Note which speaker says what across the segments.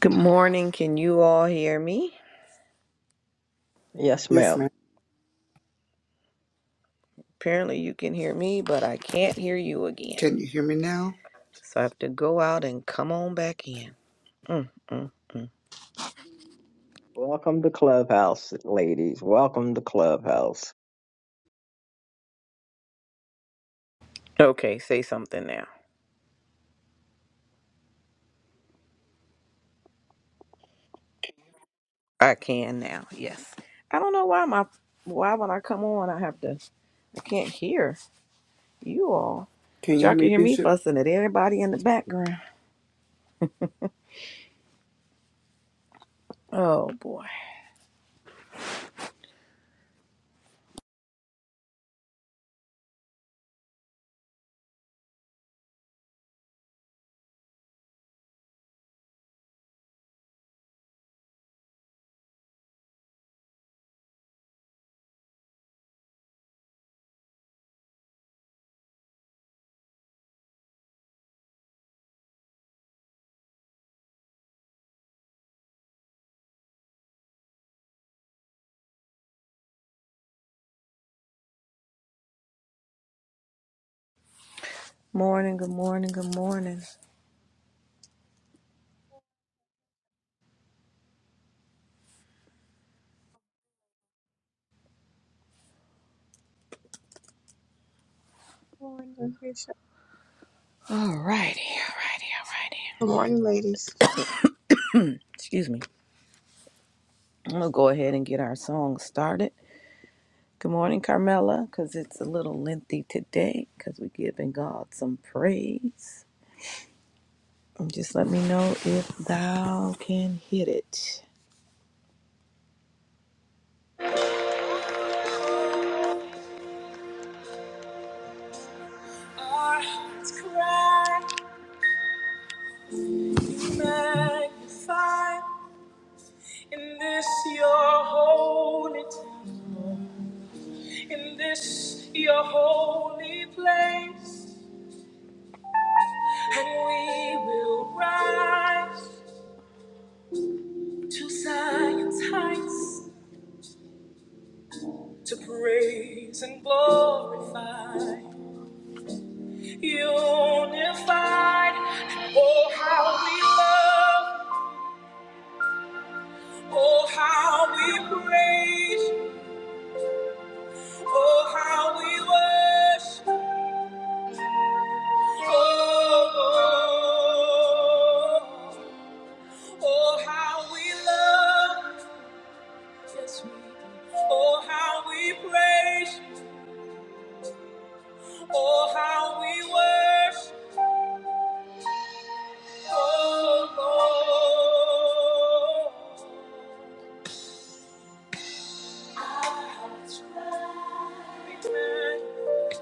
Speaker 1: Good morning. Can you all hear me?
Speaker 2: Yes,
Speaker 3: Yes,
Speaker 2: ma'am.
Speaker 3: ma'am.
Speaker 1: Apparently, you can hear me, but I can't hear you again.
Speaker 3: Can you hear me now?
Speaker 1: So I have to go out and come on back in. Mm, mm, mm.
Speaker 2: Welcome to Clubhouse, ladies. Welcome to Clubhouse.
Speaker 1: Okay, say something now. I can now. Yes. I don't know why my why when I come on I have to I can't hear you all.
Speaker 3: Can
Speaker 1: But
Speaker 3: you
Speaker 1: y'all
Speaker 3: hear me,
Speaker 1: can hear me
Speaker 3: Bishop?
Speaker 1: fussing at everybody in the background. Oh boy. Morning. Good morning. Good morning.
Speaker 4: Good morning, Bishop.
Speaker 1: All righty. All righty. All righty.
Speaker 4: Good morning, ladies.
Speaker 1: Excuse me. I'm gonna go ahead and get our song started. Good morning, Carmela, because it's a little lengthy today because we're giving God some praise. And just let me know if thou can hit it. Our hearts cry, magnify in this your holy temple, in this your holy place, and we will rise to Zion's heights to praise and glorify. unified. Oh, how we love, oh, how we praise, oh, how we worship, oh, oh, oh, how we love, yes, we do. Oh, how we praise, oh, how we worship, oh, Lord. Our hearts rise.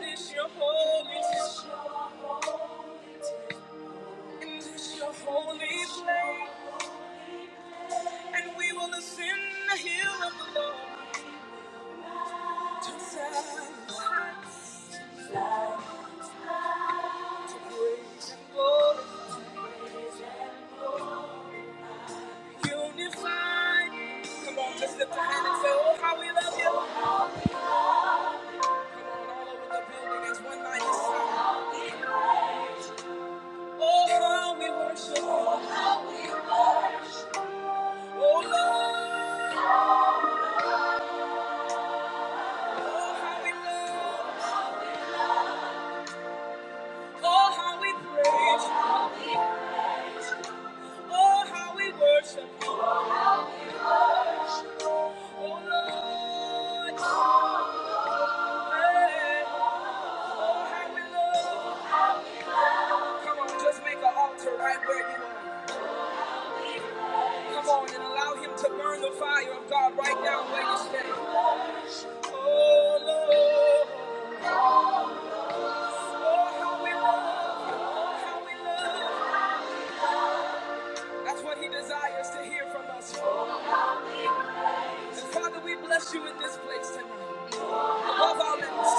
Speaker 1: This your holy in this your holy place. And we will ascend the hill of the Lord to silence, to praise and glory. Unified. Come on, just lift a hand and say, Oh, how we love you. Come on, all over the building as one mighty sound. Oh, how we worship. Oh, how we worship. Oh, Lord. Oh, how we love. Oh, how we praise. Oh, how we worship. Oh, Lord. Hey. Oh, how we love. Come on, just make an altar right where you are. Come on and allow him to burn the fire of God right now where you stand. Oh, Lord. Lord, how we love you. Lord, how we love you. That's what he desires to hear from us. And Father, we bless you in this place tonight. Above our lips.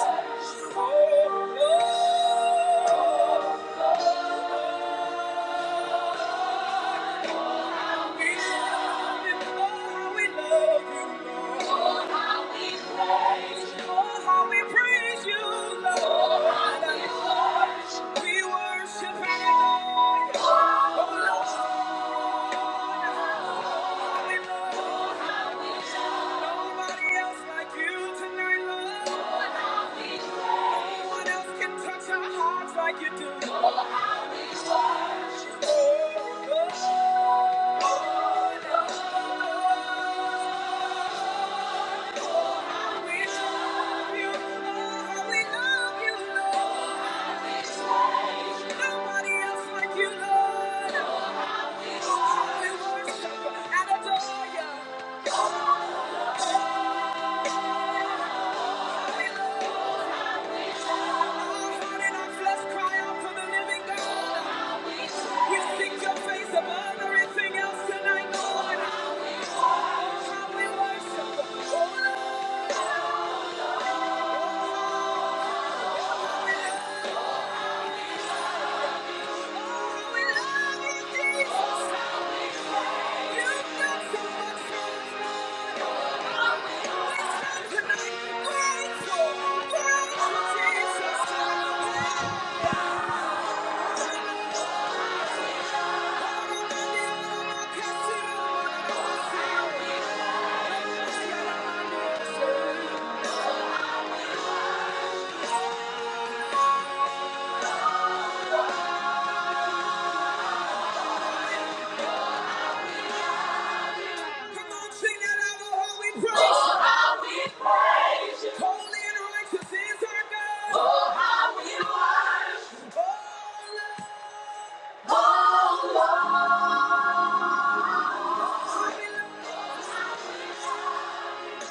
Speaker 1: Oh, Lord, we love you. Lord, how we love you, Lord. Oh, how we praise you, Lord. We worship and adore you. Oh, Lord. Like you do. Oh, how we worship. Oh, oh, how we love you. Oh, how we love you, Lord. Nobody else like you, Lord. Oh, how we worship and adore you. Thank you. Come on, sing that out, oh, how we praise. Oh, how we praise. Holy and righteous is our God. Oh, Lord, we love you.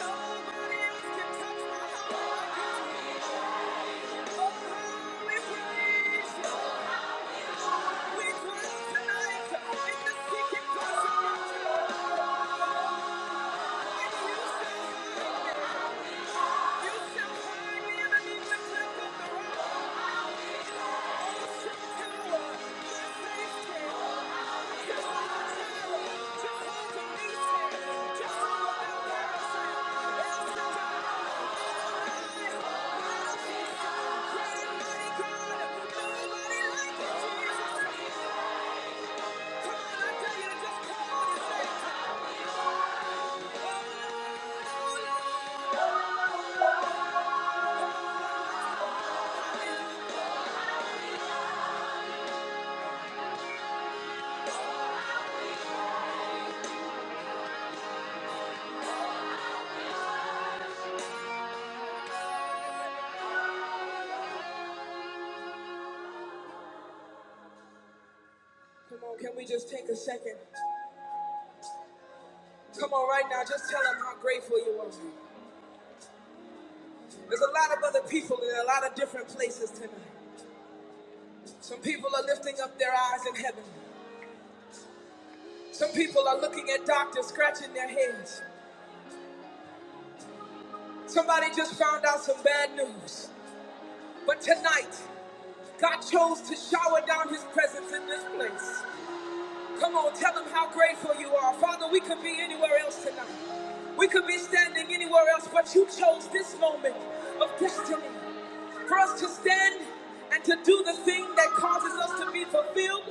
Speaker 1: Nobody else can touch my heart like you. Oh, how we praise you. We praise tonight in the secret place of your throne. When you say hi. Come on, Can we just take a second? Come on, right now, just tell them how grateful you are. There's a lot of other people in a lot of different places tonight. Some people are lifting up their eyes in heaven. Some people are looking at doctors scratching their heads. Somebody just found out some bad news. But tonight, God chose to shower down his presence in this place. Come on, tell them how grateful you are. Father, we could be anywhere else tonight. We could be standing anywhere else, but you chose this moment of destiny for us to stand and to do the thing that causes us to be fulfilled,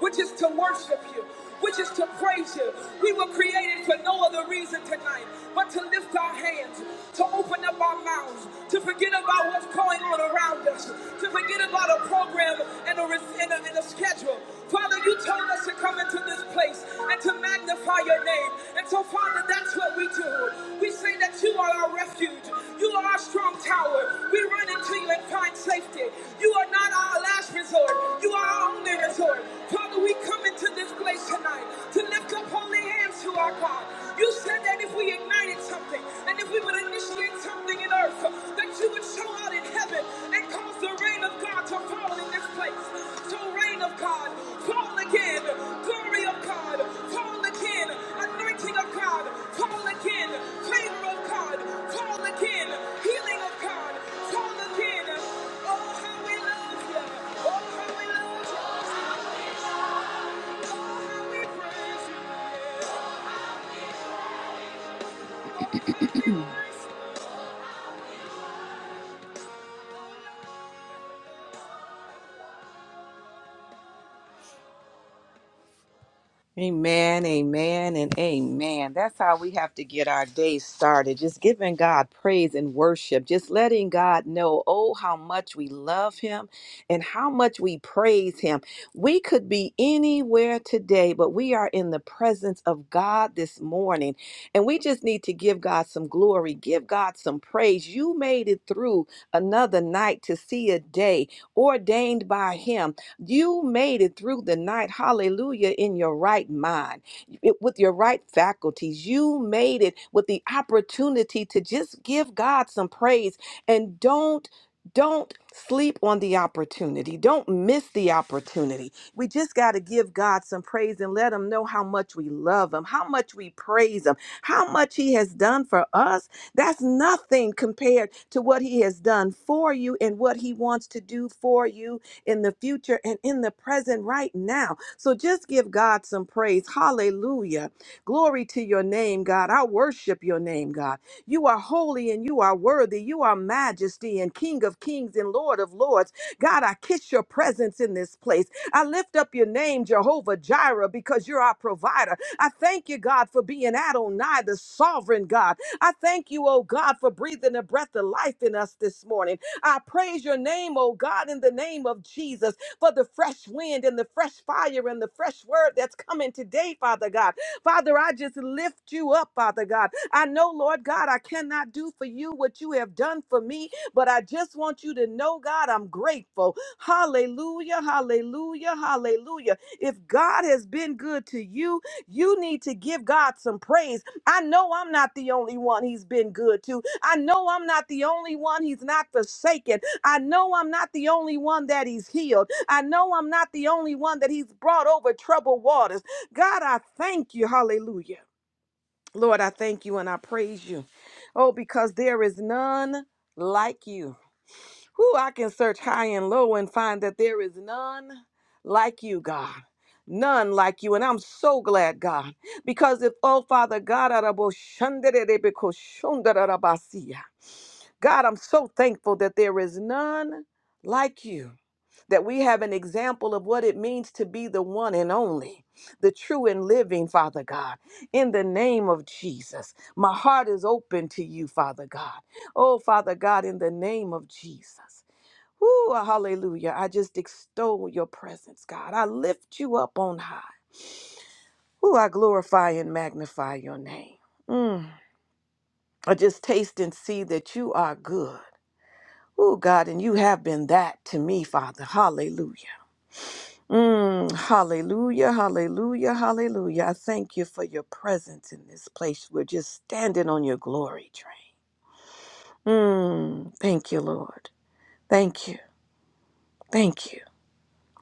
Speaker 1: which is to worship you which is to praise you. We were created for no other reason tonight but to lift our hands, to open up our mouths, to forget about what's going on around us, to forget about a program and a, res- and a, and a schedule. Father, you told us to come into this place and to magnify your name. And so, Father, that's what we do. We say that you are our refuge. You are our strong tower. We run into you and find safety. You are not our last resort. You are our only resort. Father, we come come into this place tonight to lift up holy hands to our God. You said that if we ignited something and if we would initiate something in earth, that you would show out in heaven and cause the rain of God to fall in this place. So, rain of God, fall again. Glory of God, fall again. Anointing of God, fall again. Favor of God, fall again. Healing of God, fall again. Oh, how we love you. Oh, how we love you. Amen, amen, and amen. That's how we have to get our day started. Just giving God praise and worship. Just letting God know, oh, how much we love Him and how much we praise Him. We could be anywhere today, but we are in the presence of God this morning. And we just need to give God some glory, give God some praise. You made it through another night to see a day ordained by Him. You made it through the night, hallelujah, in your right mind, it- with your right faculties. You made it with the opportunity to just give God some praise and don't. Don't sleep on the opportunity. Don't miss the opportunity. We just got to give God some praise and let Him know how much we love Him, how much we praise Him, how much He has done for us. That's nothing compared to what He has done for you and what He wants to do for you in the future and in the present right now. So just give God some praise. Hallelujah. Glory to your name, God. I worship your name, God. You are holy and you are worthy. You are majesty and King of kings and Lord of lords. God, I kiss your presence in this place. I lift up your name, Jehovah Jireh, because you're our provider. I thank you, God, for being Adonai, the sovereign God. I thank you, oh God, for breathing a breath of life in us this morning. I praise your name, oh God, in the name of Jesus, for the fresh wind and the fresh fire and the fresh word that's coming today, Father God. Father, I just lift you up, Father God. I know, Lord God, I cannot do for you what you have done for me, but I just want you to know, God, I'm grateful. Hallelujah, hallelujah, hallelujah. If God has been good to you, you need to give God some praise I know I'm not the only one he's been good to. I know I'm not the only one he's not forsaken. I know I'm not the only one that he's healed. I know I'm not the only one that he's brought over troubled waters. God, I thank you. Hallelujah. Lord, I thank you and I praise you. Oh, because there is none like you. Who I can search high and low and find that there is none like you, God. None like you. And I'm so glad, God, because if, oh Father God, araboshanderebekoshandarabasiya. God, I'm so thankful that there is none like you, that we have an example of what it means to be the one and only, the true and living, Father God. In the name of Jesus, my heart is open to you, Father God. Oh, Father God, in the name of Jesus. Whoo, hallelujah. I just extol your presence, God. I lift you up on high. Who I glorify and magnify your name. Mm. I just taste and see that you are good. Oh, God, and you have been that to me, Father. Hallelujah. Mm, hallelujah, hallelujah, hallelujah. I thank you for your presence in this place. We're just standing on your glory train. Mm, thank you, Lord. Thank you. Thank you.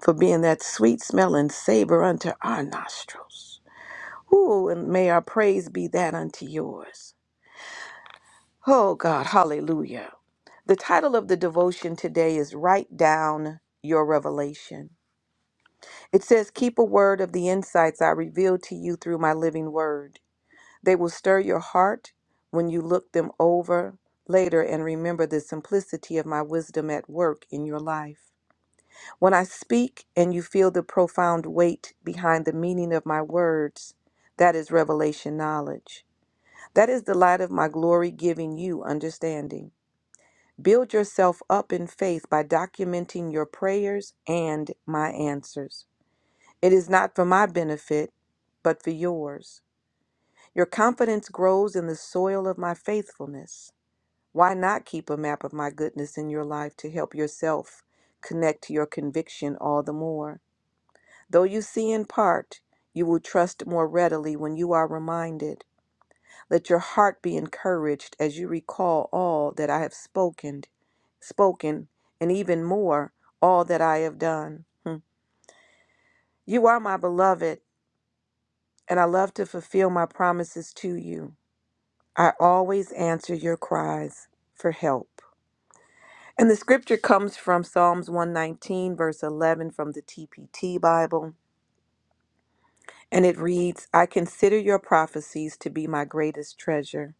Speaker 1: for being that sweet smelling savor unto our nostrils. Ooh, and may our praise be that unto yours. Oh God, hallelujah. The title of the devotion today is Write Down Your Revelation. It says, Keep a word of the insights I reveal to you through my living word. They will stir your heart when you look them over later and remember the simplicity of my wisdom at work in your life. When I speak and you feel the profound weight behind the meaning of my words, that is revelation knowledge. That is the light of my glory giving you understanding. Build yourself up in faith by documenting your prayers and my answers. It is not for my benefit, but for yours. Your confidence grows in the soil of my faithfulness. Why not keep a map of my goodness in your life to help yourself connect to your conviction all the more? Though you see in part, you will trust more readily when you are reminded. Let your heart be encouraged as you recall all that I have spoken, spoken, and even more, all that I have done. Hmm. You are my beloved, and I love to fulfill my promises to you. I always answer your cries for help. And the scripture comes from Psalms 119, verse 11 from the TPT Bible. And it reads I consider your prophecies to be my greatest treasure,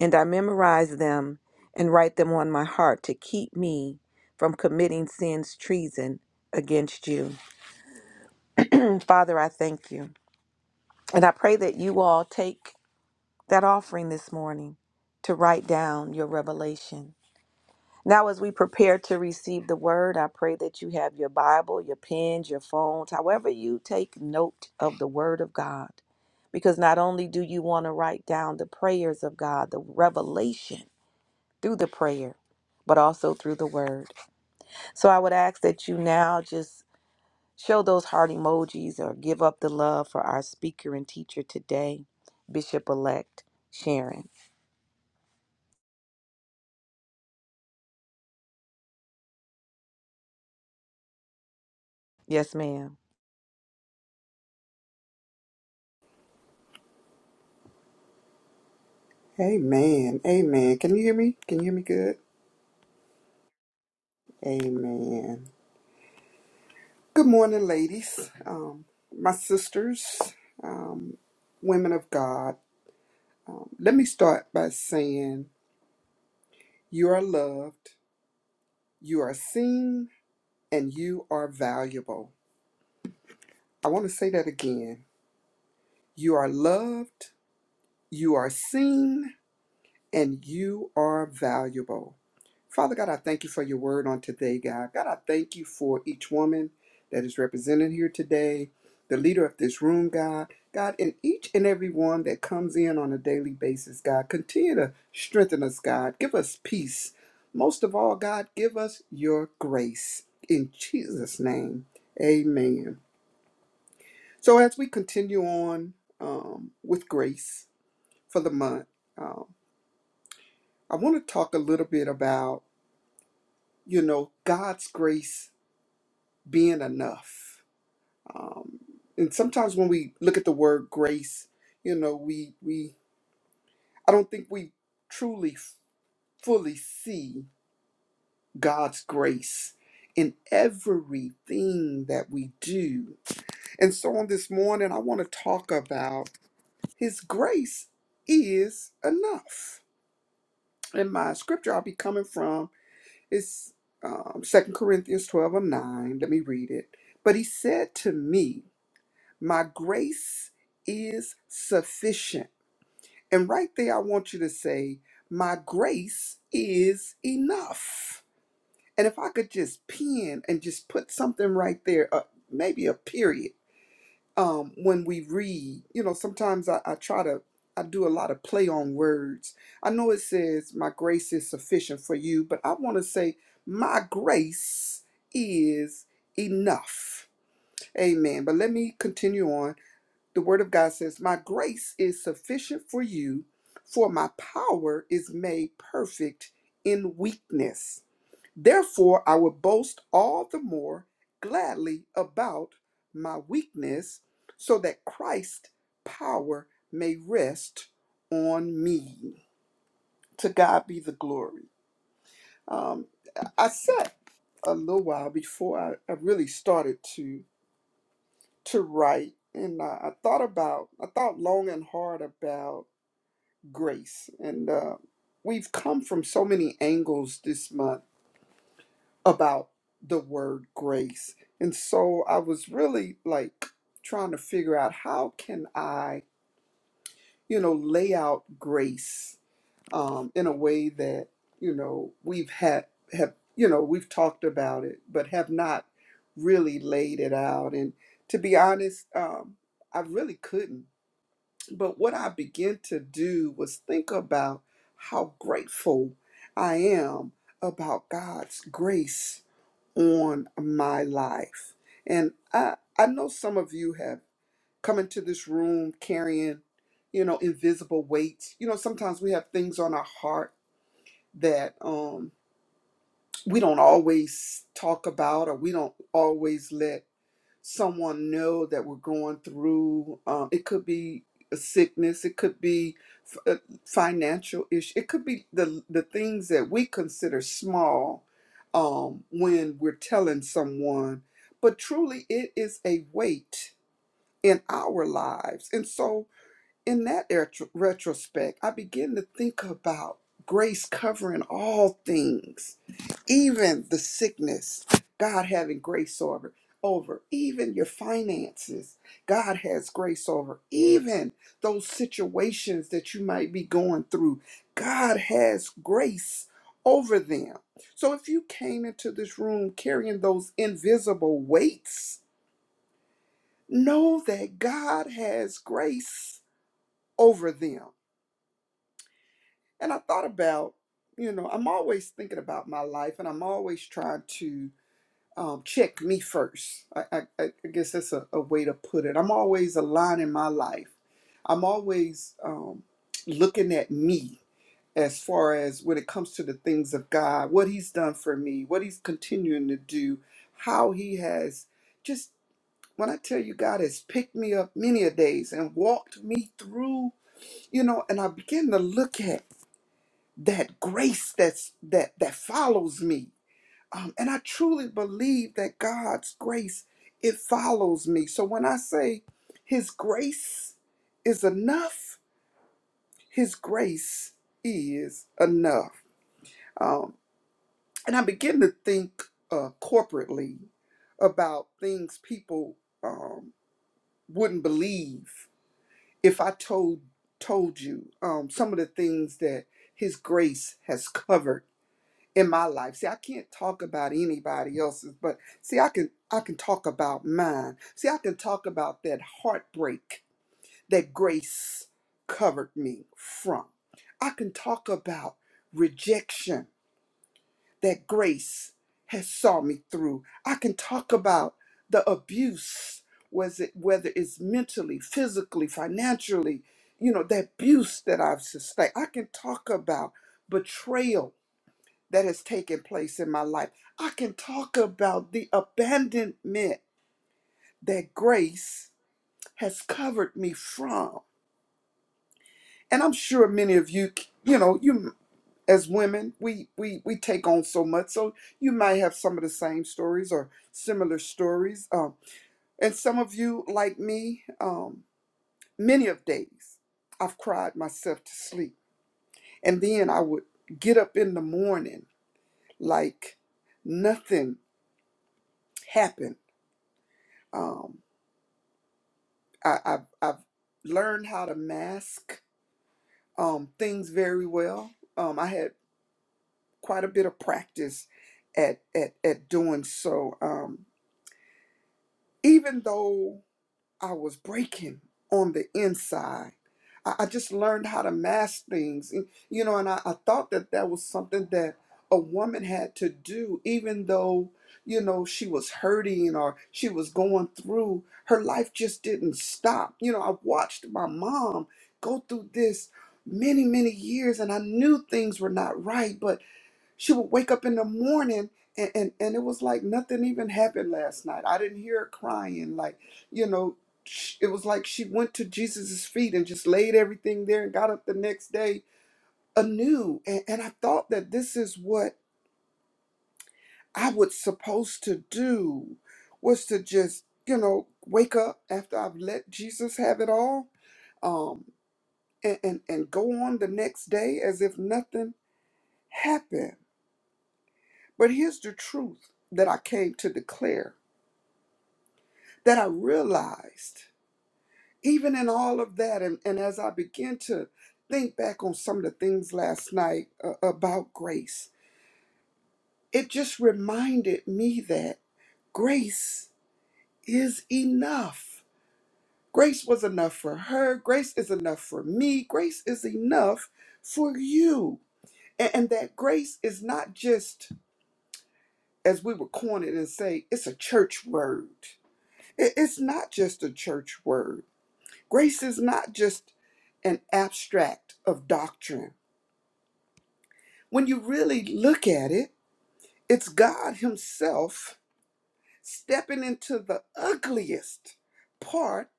Speaker 1: and I memorize them and write them on my heart to keep me from committing sin's treason against you. Mm, Father, I thank you. And I pray that you all take that offering this morning to write down your revelation Now, as we prepare to receive the word, I pray that you have your Bible, your pens, your phones, however you take note of the word of God. Because not only do you want to write down the prayers of God, the revelation through the prayer, but also through the word. So I would ask that you now just show those heart emojis or give up the love for our speaker and teacher today, Bishop elect Sharon. Yes, ma'am.
Speaker 3: Amen. Amen. Can you hear me? Can you hear me good? Amen. Good morning, ladies. Um, my sisters, um, women of God. Um, let me start by saying you are loved, you are seen, and you are valuable. I want to say that again. You are loved, you are seen, and you are valuable. Father God, I thank you for your word on today, God. God, I thank you for each woman that is represented here today, the leader of this room, God. God, and each and every one that comes in on a daily basis, God, continue to strengthen us, God. Give us peace. Most of all, God, give us your grace. In Jesus' name, amen. So, as we continue on um, with grace for the month, um, I want to talk a little bit about, you know, God's grace being enough. Um, and sometimes when we look at the word grace, you know, we we I don't think we truly f- fully see God's grace in everything that we do. And so on this morning, I want to talk about His grace is enough. And my scripture I'll be coming from is um, 2 Corinthians 12 and 9. Let me read it. But he said to me, My grace is sufficient. And right there, I want you to say, My grace is enough. And if I could just pin and just put something right there, uh, maybe a period, um, when we read, you know, sometimes I, I try to, I do a lot of play on words. I know it says, My grace is sufficient for you, but I want to say, My grace is enough. Amen. But let me continue on the word of God says, My grace is sufficient for you, for my power is made perfect in weakness. Therefore, I will boast all the more gladly about my weakness, so that Christ's power may rest on me. To God be the glory. Um, I sat a little while before I, I really started to to write, and I, I thought about, I thought long and hard about grace. And uh, we've come from so many angles this month about the word grace. And so I was really like trying to figure out how can I, you know, lay out grace um, in a way that, you know, we've had, have, you know, we've talked about it, but have not really laid it out. And to be honest, um, I really couldn't. But what I began to do was think about how grateful I am about God's grace on my life. And I, I know some of you have come into this room carrying, you know, invisible weights. You know, sometimes we have things on our heart that um, we don't always talk about or we don't always let someone know that we're going through. Um, it could be a sickness. It could be f- a financial issue. It could be the the things that we consider small um, when we're telling someone. But truly, it is a weight in our lives. And so, in that retro- retrospect, I begin to think about grace covering all things even the sickness, God having grace over, over even your finances, God has grace over, even those situations that you might be going through, God has grace over them. So if you came into this room carrying those invisible weights, know that God has grace over them. And I thought about, you know, I'm always thinking about my life and I'm always trying to um, check me first. I, I, I guess that's a, a way to put it. I'm always aligning my life. I'm always um, looking at me as far as when it comes to the things of God, what He's done for me, what He's continuing to do, how He has just. When I tell you God has picked me up many a days and walked me through, you know, and I begin to look at that grace that's that that follows me um, and I truly believe that God's grace it follows me. So when I say His grace is enough, His grace is enough. Um, and I begin to think uh, corporately about things people um, wouldn't believe if I told told you um, some of the things that His grace has covered in my life. See, I can't talk about anybody else's, but see, I can I can talk about mine. See, I can talk about that heartbreak that grace covered me from. I can talk about rejection that grace has saw me through. I can talk about the abuse was it whether it's mentally, physically, financially, you know, the abuse that I've sustained. I can talk about betrayal that has taken place in my life. I can talk about the abandonment that grace has covered me from. And I'm sure many of you, you know, you as women, we we we take on so much. So you might have some of the same stories or similar stories. Um, and some of you, like me, um, many of days, I've cried myself to sleep, and then I would get up in the morning like nothing happened. Um, I, I've, I've learned how to mask um, things very well. Um, I had quite a bit of practice at, at, at doing so. Um, even though I was breaking on the inside. I, I just learned how to mask things, and, you know, and I, I thought that that was something that a woman had to do, even though, you know, she was hurting or she was going through. Her life just didn't stop. You know, I watched my mom go through this many, many years, and I knew things were not right, but she would wake up in the morning and, and, and it was like nothing even happened last night. I didn't hear her crying. Like, you know, sh- it was like she went to Jesus' feet and just laid everything there and got up the next day anew. And, and I thought that this is what I was supposed to do was to just, you know, wake up after I've let Jesus have it all um, and, and, and go on the next day as if nothing happened. But here's the truth that I came to declare that I realized, even in all of that, and, and as I begin to think back on some of the things last night uh, about grace, it just reminded me that grace is enough. Grace was enough for her, grace is enough for me, grace is enough for you. And, and that grace is not just, as we would coin it and say, it's a church word. It- It's not just a church word Grace is not just an abstract of doctrine. When you really look at it, it's God Himself stepping into the ugliest part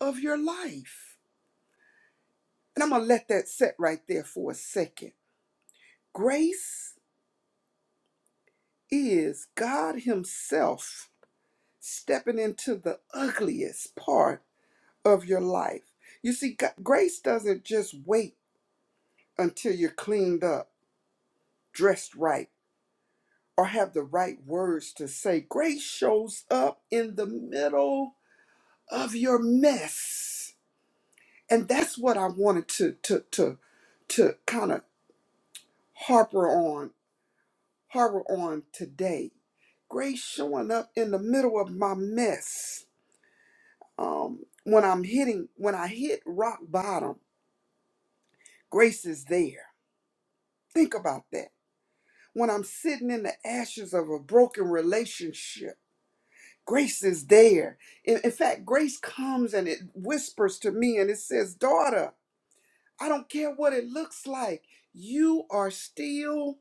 Speaker 3: of your life. And I'm going to let that set right there for a second. Grace is God Himself stepping into the ugliest part of your life. You see, G- grace doesn't just wait until you're cleaned up, dressed right or have the right words to say. Grace shows up in the middle of your mess. And that's what I wanted to to to to kind of harper on harbor on today. Grace showing up in the middle of my mess. Um when I'm hitting when I hit rock bottom, grace is there. Think about that. When I'm sitting in the ashes of a broken relationship, Grace is there. In, in fact, grace comes and it whispers to me and it says, Daughter, I don't care what it looks like, you are still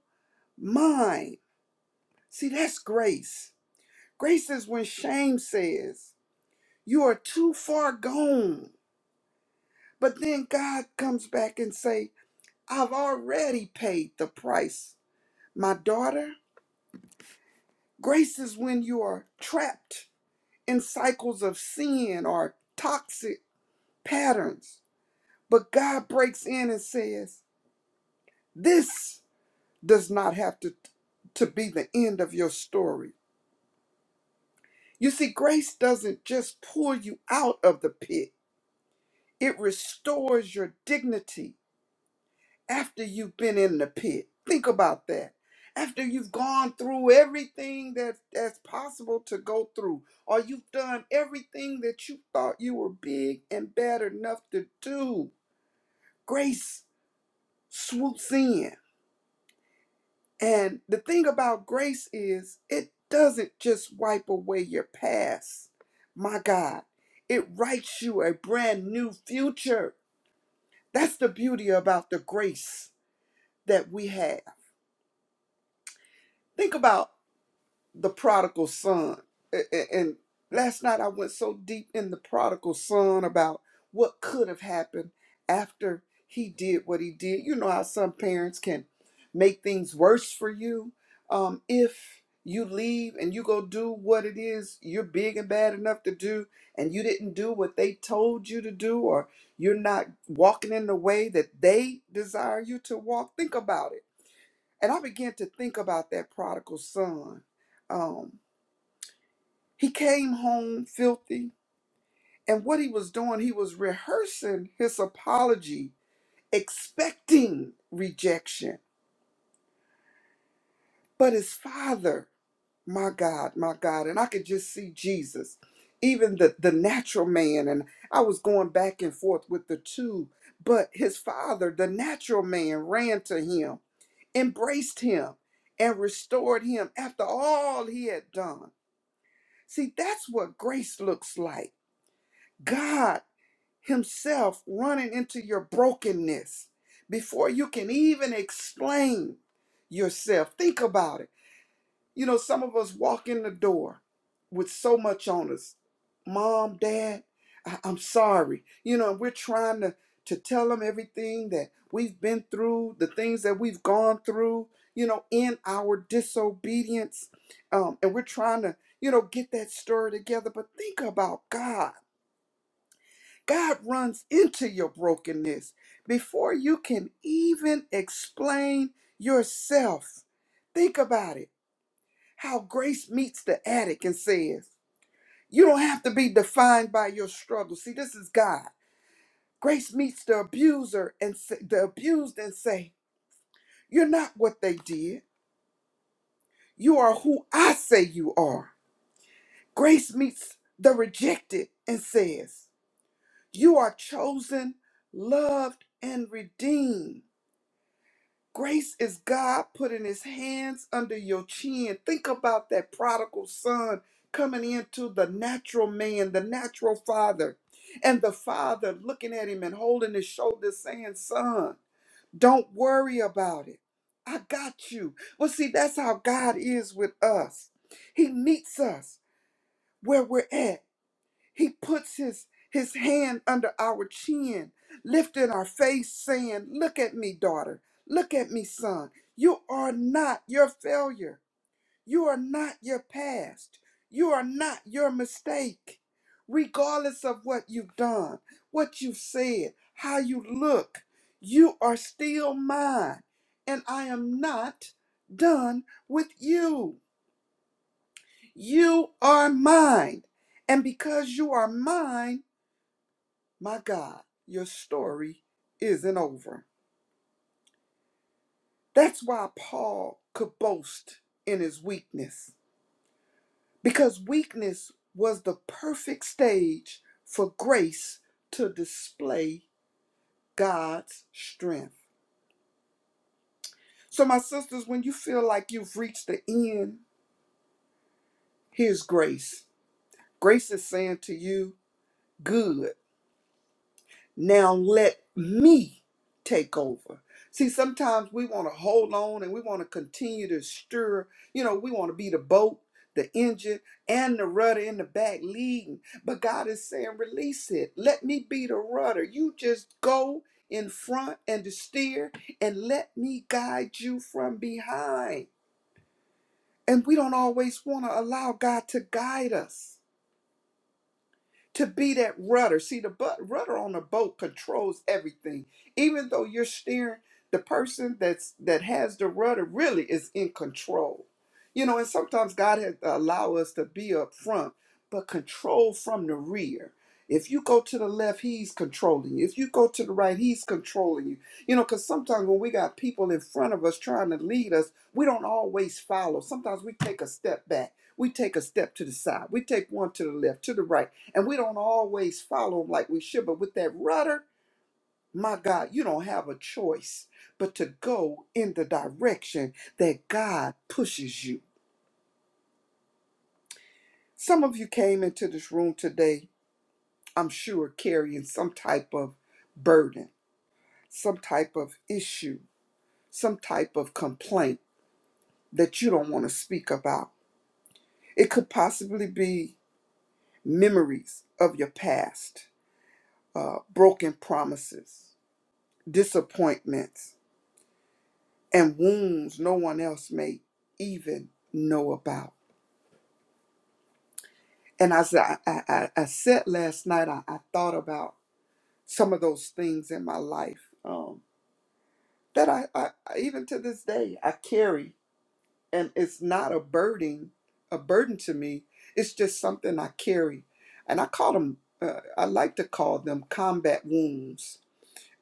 Speaker 3: mine. See, that's grace. Grace is when shame says, You are too far gone. But then God comes back and say, I've already paid the price, my daughter. Grace is when you are trapped in cycles of sin or toxic patterns But God breaks in and says, This does not have to, to be the end of your story. You see, grace doesn't just pull you out of the pit, it restores your dignity after you've been in the pit. Think about that. After you've gone through everything that, that's possible to go through, or you've done everything that you thought you were big and bad enough to do, grace swoops in And the thing about grace is, it doesn't just wipe away your past. My God, it writes you a brand new future. That's the beauty about the grace that we have. Think about the prodigal son. And last night I went so deep in the prodigal son about what could have happened after he did what he did. You know how some parents can make things worse for you um, if you leave and you go do what it is you're big and bad enough to do, and you didn't do what they told you to do, or you're not walking in the way that they desire you to walk. Think about it and I began to think about that prodigal son. Um, he came home filthy, and what he was doing, he was rehearsing his apology, expecting rejection. But his father, my God, my God, and I could just see Jesus, even the, the natural man, and I was going back and forth with the two, but his father, the natural man, ran to him, embraced him, and restored him after all he had done. See, that's what grace looks like. God Himself running into your brokenness before you can even explain yourself. Think about it. You know, some of us walk in the door with so much on us. Mom, dad, I- I'm sorry. You know, we're trying to, to tell them everything that we've been through, the things that we've gone through, you know, in our disobedience. Um, and we're trying to, you know, get that story together. But think about God. God runs into your brokenness before you can even explain yourself. Think about it. How grace meets the addict and says, You don't have to be defined by your struggle. See, this is God. Grace meets the abuser and say, the abused and say, You're not what they did. You are who I say you are. Grace meets the rejected and says, You are chosen, loved, and redeemed. Grace is God putting his hands under your chin. Think about that prodigal son coming into the natural man, the natural father, and the father looking at him and holding his shoulders, saying, Son, don't worry about it. I got you. Well, see, that's how God is with us. He meets us where we're at he puts his his hand under our chin, lifting our face, saying, Look at me, daughter. Look at me, son. You are not your failure. You are not your past. You are not your mistake. Regardless of what you've done, what you've said, how you look, you are still mine. And I am not done with you. You are mine. And because you are mine, my God, your story isn't over. That's why Paul could boast in his weakness, because weakness was the perfect stage for grace to display God's strength. So, my sisters, when you feel like you've reached the end, here's grace. Grace is saying to you, Good. Now let me take over. See, sometimes we want to hold on and we want to continue to stir. You know, we want to be the boat, the engine, and the rudder in the back leading. But God is saying, release it. Let me be the rudder. You just go in front and to steer and let me guide you from behind. And we don't always want to allow God to guide us to be that rudder. See, the bu- rudder on a boat controls everything. Even though you're steering, the person that's that has the rudder really is in control. You know, and sometimes God has to allow us to be up front, but control from the rear. If you go to the left, he's controlling you. If you go to the right, he's controlling you. You know, because sometimes when we got people in front of us trying to lead us, we don't always follow. Sometimes we take a step back. We take a step to the side. We take one to the left, to the right and we don't always follow him like we should. But with that rudder, my God, you don't have a choice but to go in the direction that God pushes you. Some of you came into this room today, I'm sure, carrying some type of burden, some type of issue, some type of complaint that you don't want to speak about. It could possibly be memories of your past, uh, broken promises, disappointments and wounds no one else may even know about. And as I, I, I, I said last night, I, I thought about some of those things in my life um, that I, I, I- even to this day, I carry. And it's not a burden, a burden to me. It's just something I carry. And I call them, uh, I like to call them combat wounds.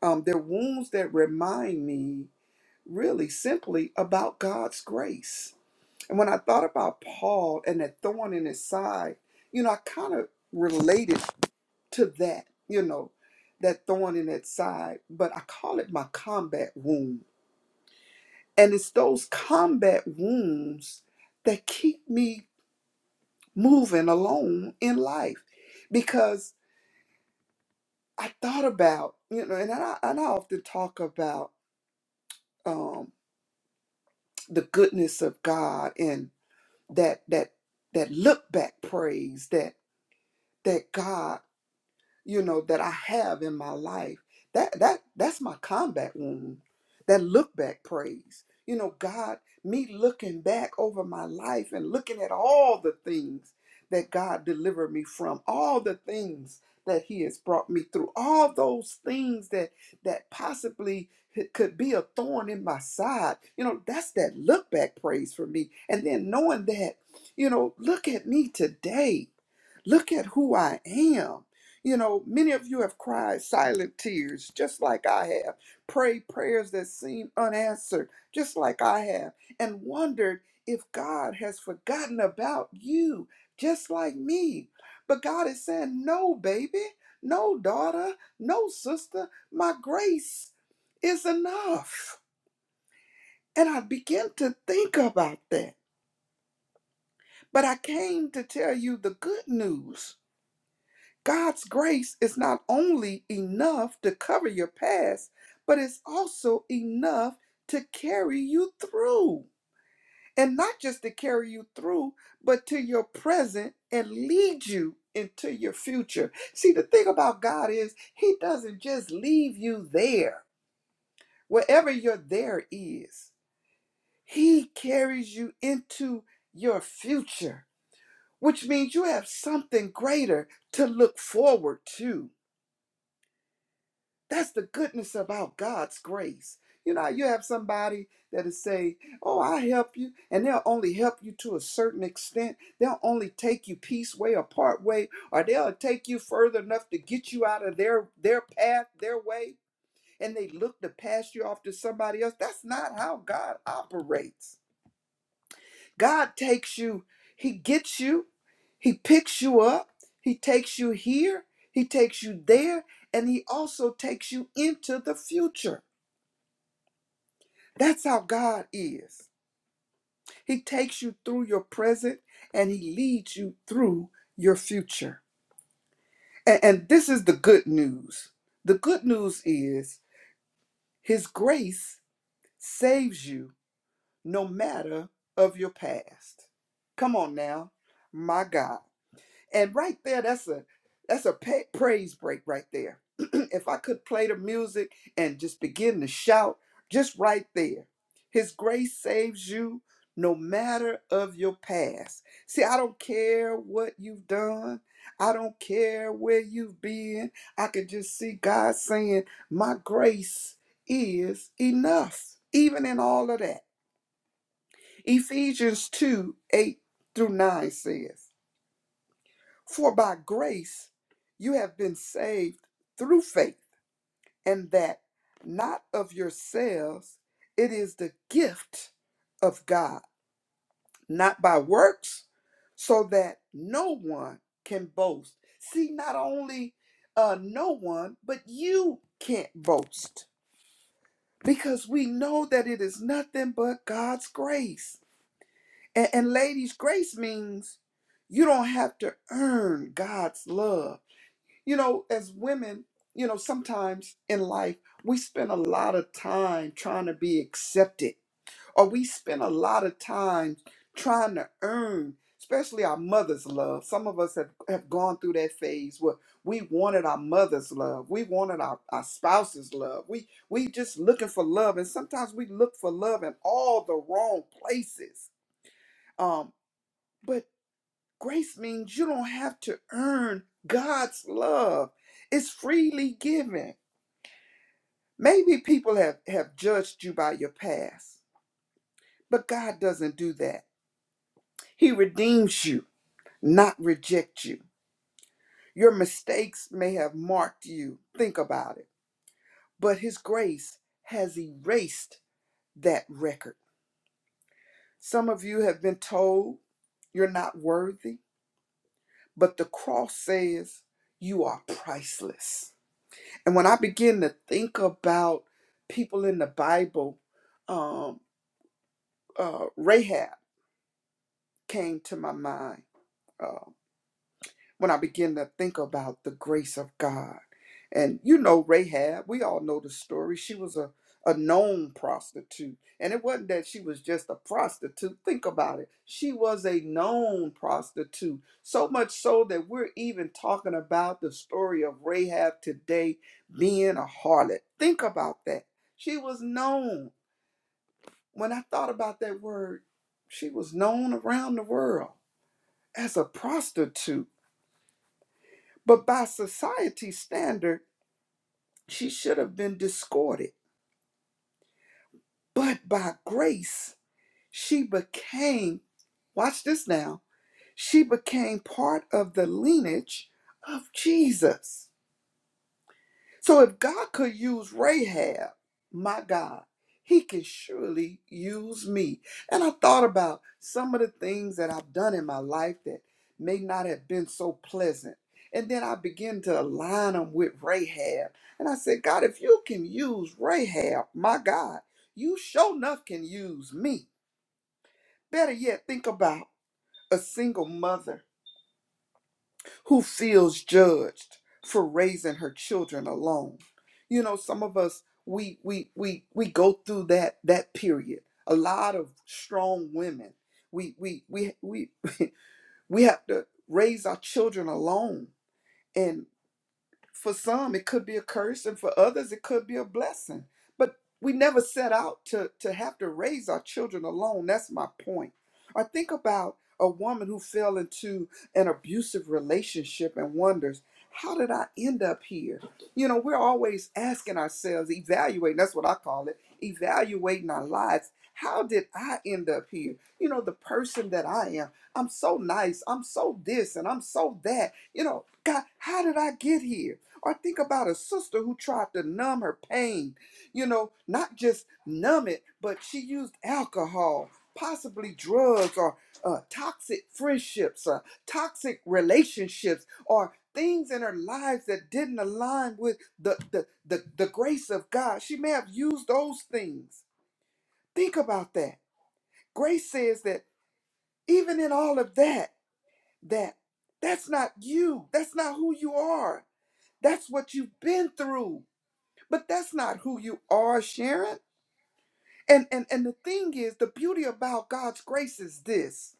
Speaker 3: Um, they're wounds that remind me really simply about God's grace And when I thought about Paul and that thorn in his side, you know, I kind of related to that, you know, that thorn in that side, but I call it my combat wound. And it's those combat wounds that keep me moving along in life because I thought about, you know, and I, and I often talk about um, the goodness of God and that, that, that look back praise that, that God you know that I have in my life. That that that's my combat wound. That look back praise. You know, God, me looking back over my life and looking at all the things that God delivered me from, all the things that He has brought me through, all those things that that possibly c- could be a thorn in my side. You know, that's that look back praise for me. And then knowing that, you know, look at me today. Look at who I am you know, many of you have cried silent tears, just like I have, prayed prayers that seem unanswered, just like I have, and wondered if God has forgotten about you, just like me. But God is saying, No, baby, no, daughter, no, sister, my grace is enough. And I began to think about that. But I came to tell you the good news God's grace is not only enough to cover your past, but it's also enough to carry you through. And not just to carry you through, but to your present and lead you into your future. See, the thing about God is, He doesn't just leave you there, wherever your there is, He carries you into your future, which means you have something greater to look forward to. That's the goodness about God's grace. You know, you have somebody that'll say, Oh, I'll help you. And they'll only help you to a certain extent. They'll only take you piece way or part way, or they'll take you further enough to get you out of their their path, their way. And they look to pass you off to somebody else. That's not how God operates. God takes you, He gets you, He picks you up, He takes you here, He takes you there, and He also takes you into the future. That's how God is. He takes you through your present and He leads you through your future. And, and this is the good news. The good news is His grace saves you no matter of your past. Come on now, my God. And right there, that's a that's a pa praise break right there. if I could play the music and just begin to shout, just right there. His grace saves you no matter of your past. See, I don't care what you've done. I don't care where you've been. I can just see God saying, "My grace is enough." Even in all of that. Ephesians 2, 8 through 9 says. For by grace you have been saved through faith, and that not of yourselves, it is the gift of God, not by works, so that no one can boast. See, not only uh, no one, but you can't boast because we know that it is nothing but God's grace. And, and ladies, grace means you don't have to earn God's love You know, as women, you know, sometimes in life, we spend a lot of time trying to be accepted, or we spend a lot of time trying to earn, especially our mother's love. Some of us have, have gone through that phase where we wanted our mother's love, we wanted our, our spouse's love. We we just looking for love, and sometimes we look for love in all the wrong places. Um, but. Grace means you don't have to earn God's love. It's freely given. Maybe people have, have judged you by your past, but God doesn't do that. He redeems you, not reject you. Your mistakes may have marked you, think about it, but His grace has erased that record. Some of you have been told you're not worthy, but the cross says you are priceless. And when I begin to think about people in the Bible, um, uh, Rahab came to my mind. Uh, when I begin to think about the grace of God. And you know, Rahab, we all know the story. She was a, a known prostitute. And it wasn't that she was just a prostitute. Think about it. She was a known prostitute. So much so that we're even talking about the story of Rahab today being a harlot. Think about that. She was known. When I thought about that word, she was known around the world as a prostitute. But by society's standard, she should have been discarded. But by grace, she became, watch this now, she became part of the lineage of Jesus. So if God could use Rahab, my God, he can surely use me. And I thought about some of the things that I've done in my life that may not have been so pleasant. And then I began to align them with Rahab. And I said, God, if you can use Rahab, my God, you sure enough can use me. Better yet, think about a single mother who feels judged for raising her children alone. You know, some of us we we we we go through that that period. A lot of strong women, we we we we we have to raise our children alone. and for some it could be a curse and for others it could be a blessing but we never set out to to have to raise our children alone that's my point i think about a woman who fell into an abusive relationship and wonders how did i end up here you know we're always asking ourselves evaluating that's what i call it evaluating our lives how did i end up here you know the person that i am i'm so nice i'm so this and i'm so that you know god how did i get here or think about a sister who tried to numb her pain. You know, not just numb it, but she used alcohol, possibly drugs, or uh, toxic friendships, or toxic relationships, or things in her lives that didn't align with the, the, the, the grace of God. She may have used those things. Think about that. Grace says that even in all of that, that that's not you. That's not who you are. That's what you've been through. But that's not who you are, Sharon. And, and and the thing is, the beauty about God's grace is this.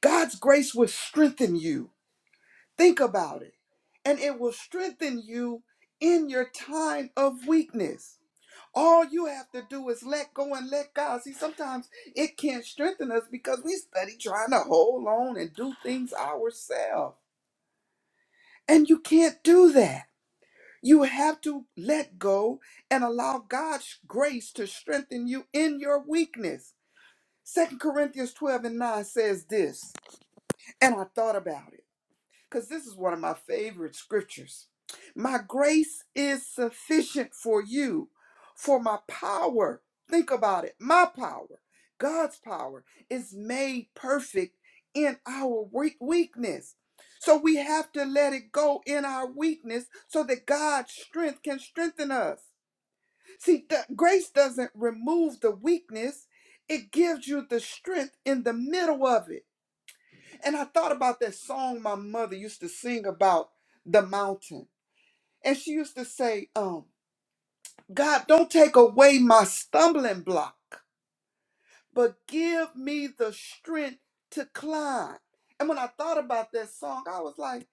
Speaker 3: God's grace will strengthen you. Think about it. And it will strengthen you in your time of weakness. All you have to do is let go and let God. See, sometimes it can't strengthen us because we study trying to hold on and do things ourselves. And you can't do that. You have to let go and allow God's grace to strengthen you in your weakness. Second Corinthians 12 and 9 says this, and I thought about it because this is one of my favorite scriptures. My grace is sufficient for you, for my power, think about it, my power, God's power, is made perfect in our weak- weakness. So we have to let it go in our weakness so that God's strength can strengthen us. See, grace doesn't remove the weakness, it gives you the strength in the middle of it. And I thought about that song my mother used to sing about the mountain. And she used to say, um, God, don't take away my stumbling block, but give me the strength to climb. And when I thought about that song, I was like,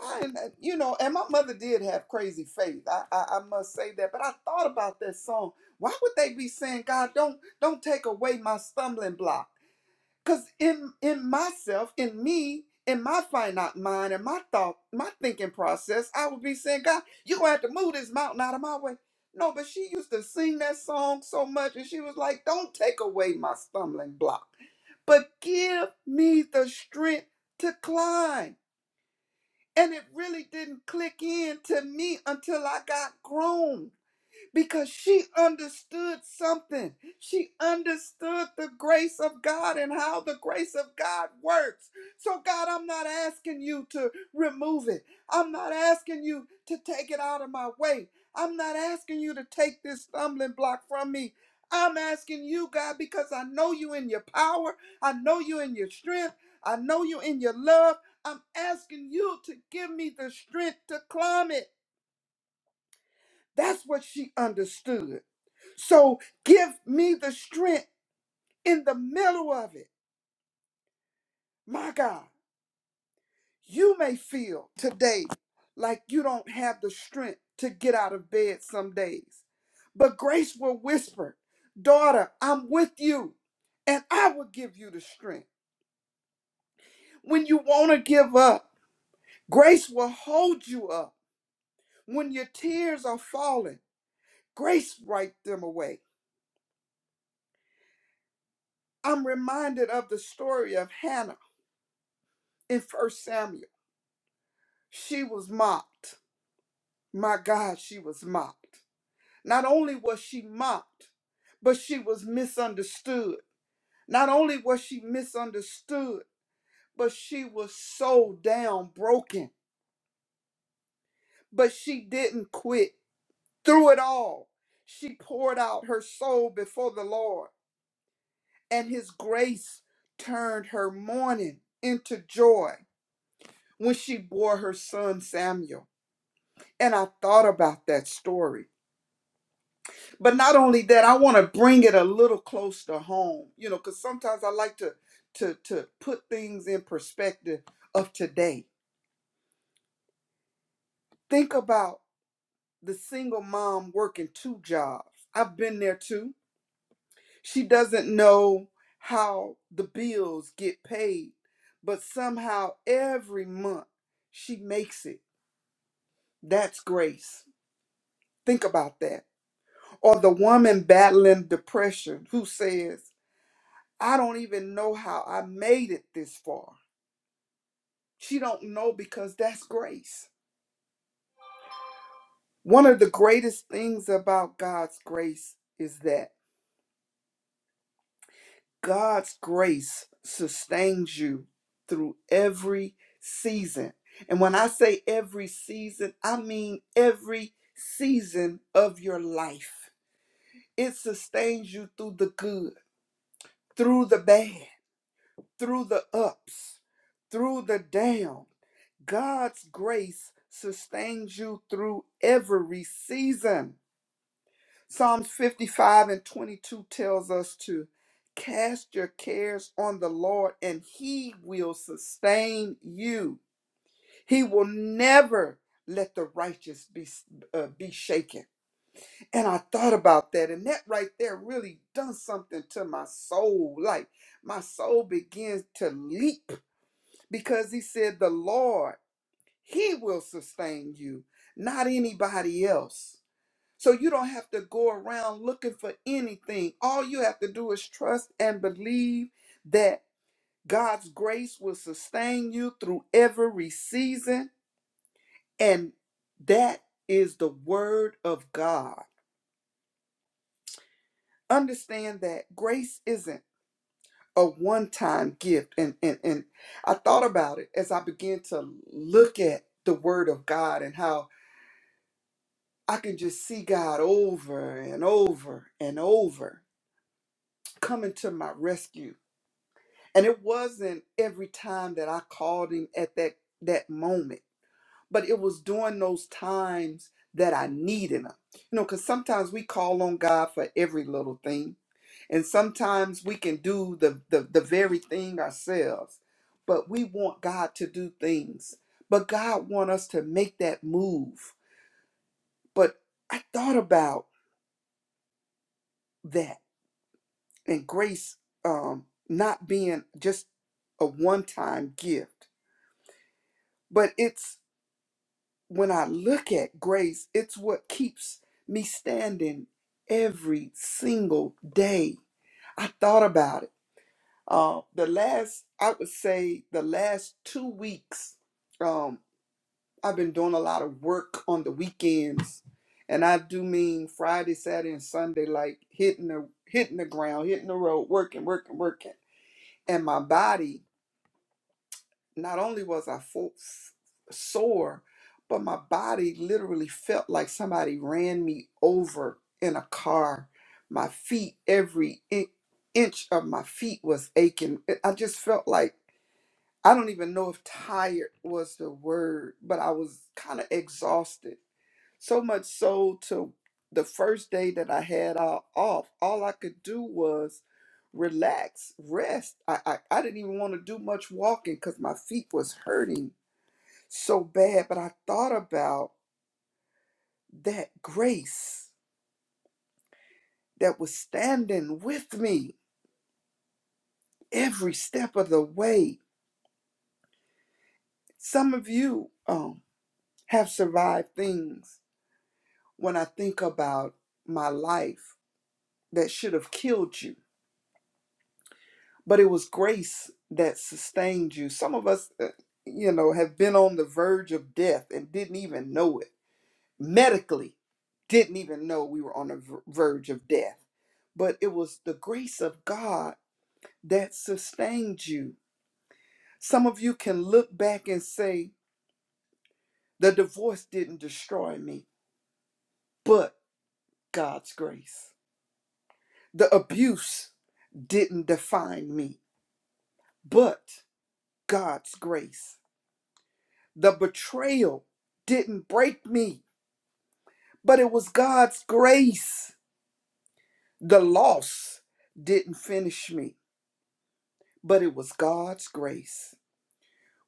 Speaker 3: I am, you know, and my mother did have crazy faith. I, I, I must say that. But I thought about that song. Why would they be saying, God, don't don't take away my stumbling block? Cause in in myself, in me, in my finite mind, and my thought, my thinking process, I would be saying, God, you are gonna have to move this mountain out of my way. No, but she used to sing that song so much, and she was like, Don't take away my stumbling block, but give me the strength to climb. And it really didn't click in to me until I got grown because she understood something. She understood the grace of God and how the grace of God works. So, God, I'm not asking you to remove it, I'm not asking you to take it out of my way. I'm not asking you to take this stumbling block from me. I'm asking you, God, because I know you in your power. I know you in your strength. I know you in your love. I'm asking you to give me the strength to climb it. That's what she understood. So give me the strength in the middle of it. My God, you may feel today like you don't have the strength to get out of bed some days. But grace will whisper, Daughter, I'm with you, and I will give you the strength. When you want to give up, grace will hold you up. When your tears are falling, grace wiped them away. I'm reminded of the story of Hannah in First Samuel. She was mocked My God, she was mocked. Not only was she mocked, but she was misunderstood. Not only was she misunderstood, but she was so down broken. But she didn't quit. Through it all, she poured out her soul before the Lord, and his grace turned her mourning into joy when she bore her son Samuel. And I thought about that story but not only that i want to bring it a little close to home you know because sometimes i like to to to put things in perspective of today think about the single mom working two jobs i've been there too she doesn't know how the bills get paid but somehow every month she makes it that's grace think about that or the woman battling depression who says I don't even know how I made it this far. She don't know because that's grace. One of the greatest things about God's grace is that God's grace sustains you through every season. And when I say every season, I mean every season of your life. It sustains you through the good, through the bad, through the ups, through the down. God's grace sustains you through every season. Psalms 55 and 22 tells us to cast your cares on the Lord and he will sustain you. He will never let the righteous be uh, be shaken. And I thought about that and that right there really done something to my soul. Like my soul begins to leap because he said the Lord he will sustain you, not anybody else. So you don't have to go around looking for anything. All you have to do is trust and believe that God's grace will sustain you through every season. And that is the word of God. Understand that grace isn't a one time gift. And, and, and I thought about it as I began to look at the word of God and how I can just see God over and over and over coming to my rescue. And it wasn't every time that I called him at that that moment, but it was during those times that I needed him. You know, because sometimes we call on God for every little thing. And sometimes we can do the, the, the very thing ourselves. But we want God to do things. But God want us to make that move. But I thought about that and grace um, not being just a one time gift, but it's when I look at grace, it's what keeps me standing every single day. I thought about it. Uh, the last, I would say, the last two weeks, um, I've been doing a lot of work on the weekends, and I do mean Friday, Saturday, and Sunday, like hitting the hitting the ground, hitting the road, working, working, working, and my body not only was I full, sore, but my body literally felt like somebody ran me over in a car. My feet, every in- inch of my feet was aching. It- I just felt like I don't even know if tired was the word, but I was kind of exhausted. So much so to the first day that I had uh, off, all I could do was relax, rest. I, I, I didn't even want to do much walking because my feet was hurting so bad. But I thought about that grace that was standing with me every step of the way. Some of you um, have survived things when I think about my life that should have killed you but it was grace that sustained you. Some of us, uh, you know, have been on the verge of death and didn't even know it. Medically, didn't even know we were on the ver- verge of death. But it was the grace of God that sustained you. Some of you can look back and say, the divorce didn't destroy me, but God's grace. The abuse didn't define me, but God's grace The betrayal didn't break me, but it was God's grace. The loss didn't finish me, but it was God's grace.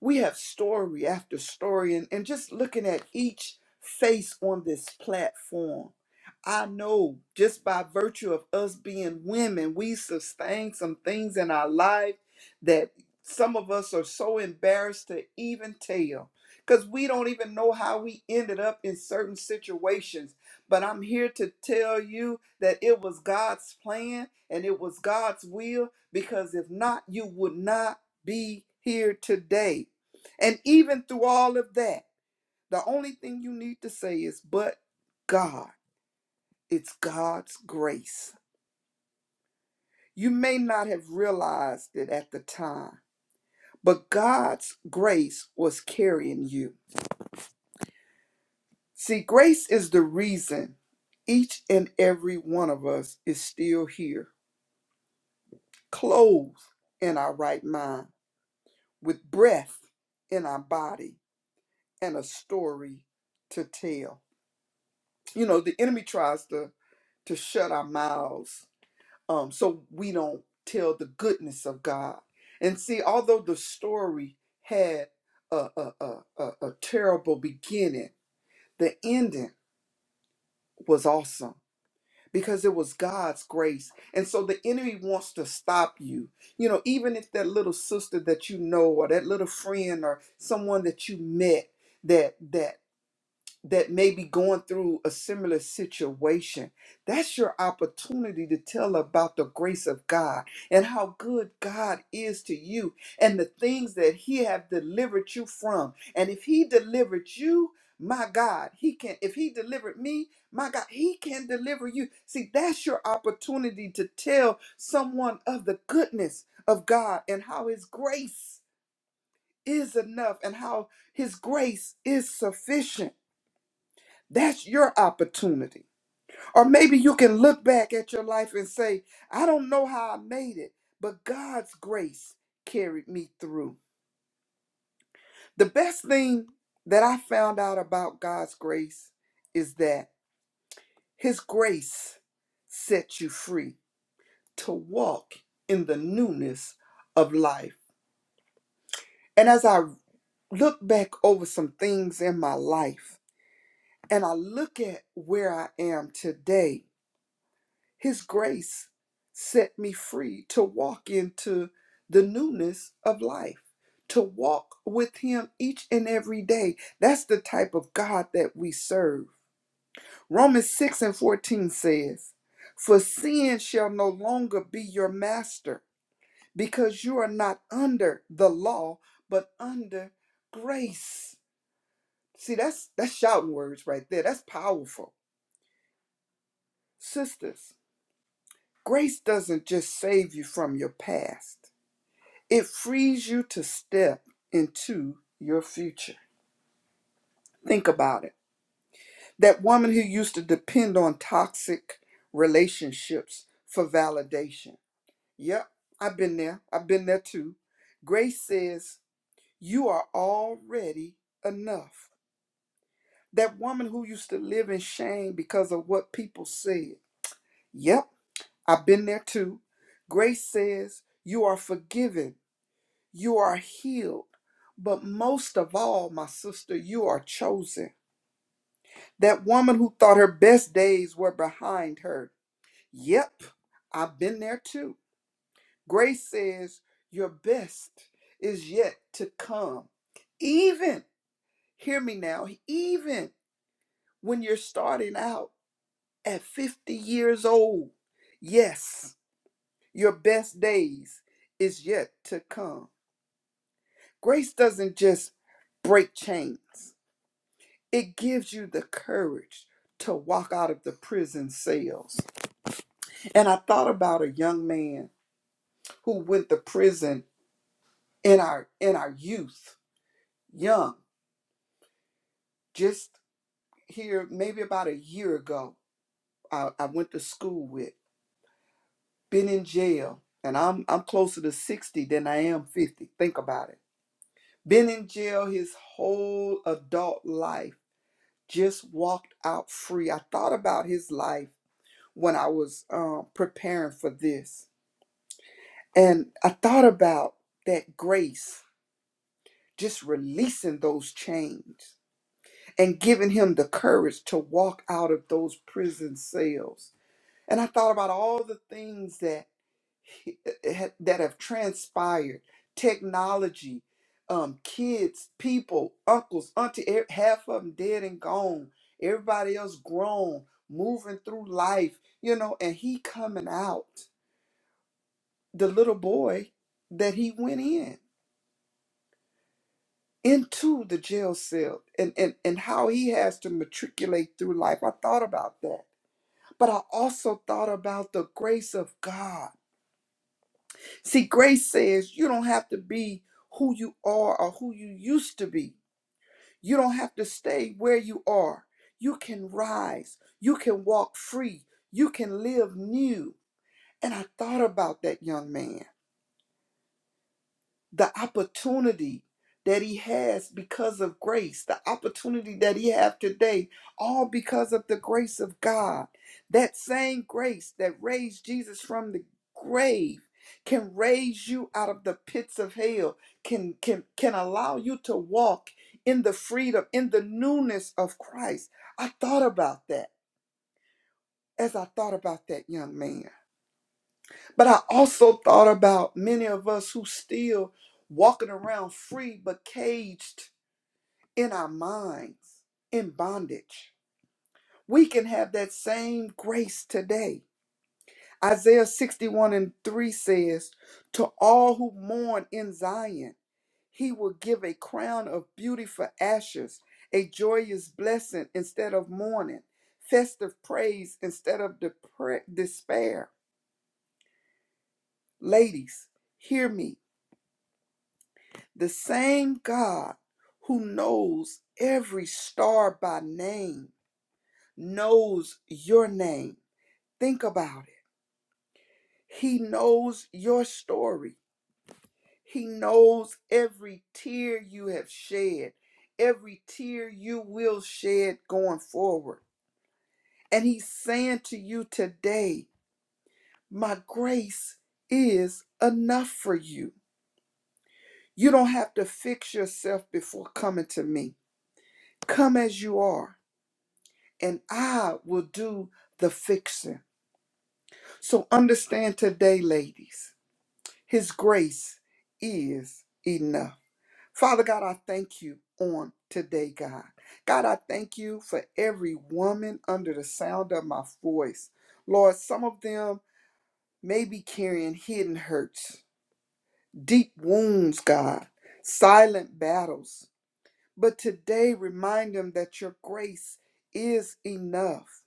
Speaker 3: we have story after story and, and just looking at each face on this platform i know just by virtue of us being women we sustain some things in our life that some of us are so embarrassed to even tell because we don't even know how we ended up in certain situations but i'm here to tell you that it was god's plan and it was god's will because if not you would not be here today and even through all of that, the only thing you need to say is, but God, it's God's grace. You may not have realized it at the time, but God's grace was carrying you. See, grace is the reason each and every one of us is still here, clothed in our right mind, with breath in our body, and a story to tell. You know, the enemy tries to to shut our mouths um, so we don't tell the goodness of God. And see, although the story had a, a, a, a, a terrible beginning, the ending was awesome because it was God's grace. And so the enemy wants to stop you. You know, even if that little sister that you know or that little friend or someone that you met that that that may be going through a similar situation. That's your opportunity to tell about the grace of God and how good God is to you and the things that he have delivered you from. And if he delivered you, my God, he can if he delivered me, my God, he can deliver you. See, that's your opportunity to tell someone of the goodness of God and how his grace is enough and how his grace is sufficient. That's your opportunity. Or maybe you can look back at your life and say, I don't know how I made it, but God's grace carried me through. The best thing that I found out about God's grace is that His grace sets you free to walk in the newness of life. And as I look back over some things in my life and I look at where I am today, His grace set me free to walk into the newness of life, to walk with Him each and every day. That's the type of God that we serve. Romans 6 and 14 says, For sin shall no longer be your master, because you are not under the law, but under grace. See, that's that's shouting words right there. That's powerful. Sisters, grace doesn't just save you from your past. It frees you to step into your future. Think about it. That woman who used to depend on toxic relationships for validation. Yep, I've been there. I've been there too. Grace says, You are already enough. That woman who used to live in shame because of what people said. Yep, I've been there too. Grace says, You are forgiven You are healed. But most of all, my sister, you are chosen. That woman who thought her best days were behind her. Yep, I've been there too. Grace says, Your best is yet to come. Even, hear me now, even when you're starting out at 50 years old, yes, your best days is yet to come. Grace doesn't just break chains. It gives you the courage to walk out of the prison cells. And I thought about a young man who went to prison in our in our youth, young, just here maybe about a year ago. I, I went to school with, been in jail, and I'm I'm closer to 60 than I am 50. Think about it. Been in jail his whole adult life, just walked out free. I thought about his life when I was um, preparing for this And I thought about that grace, just releasing those chains and giving him the courage to walk out of those prison cells. And I thought about all the things that he- that have transpired, technology, um, kids, people, uncles, auntie, e- half of them dead and gone. Everybody else grown, moving through life, you know. And he coming out, the little boy that he went in. into the jail cell and, and, and how he has to matriculate through life. I thought about that. But I also thought about the grace of God. See, grace says you don't have to be who you are or who you used to be. You don't have to stay where you are. You can rise. You can walk free. You can live new. And I thought about that young man. the opportunity that he has because of grace, the opportunity that he have today, all because of the grace of God. That same grace that raised Jesus from the grave can raise you out of the pits of hell, can can can allow you to walk in the freedom, in the newness of Christ. I thought about that as I thought about that young man. But I also thought about many of us who still walking around free but caged in our minds, in bondage. We can have that same grace today. Isaiah 61 and 3 says, To all who mourn in Zion, he will give a crown of beauty for ashes, a joyous blessing instead of mourning, festive praise instead of depre- despair. Ladies, hear me. The same God who knows every star by name knows your name. Think about it. He knows your story. He knows every tear you have shed, every tear you will shed going forward. And He's saying to you today, My grace is enough for you. You don't have to fix yourself before coming to me. Come as you are and I will do the fixing. So understand today, ladies, His grace is enough. Father God, I thank you on today, God. God, I thank you for every woman under the sound of my voice. Lord, some of them may be carrying hidden hurts, deep wounds, God, silent battles. But today, remind them that your grace is enough.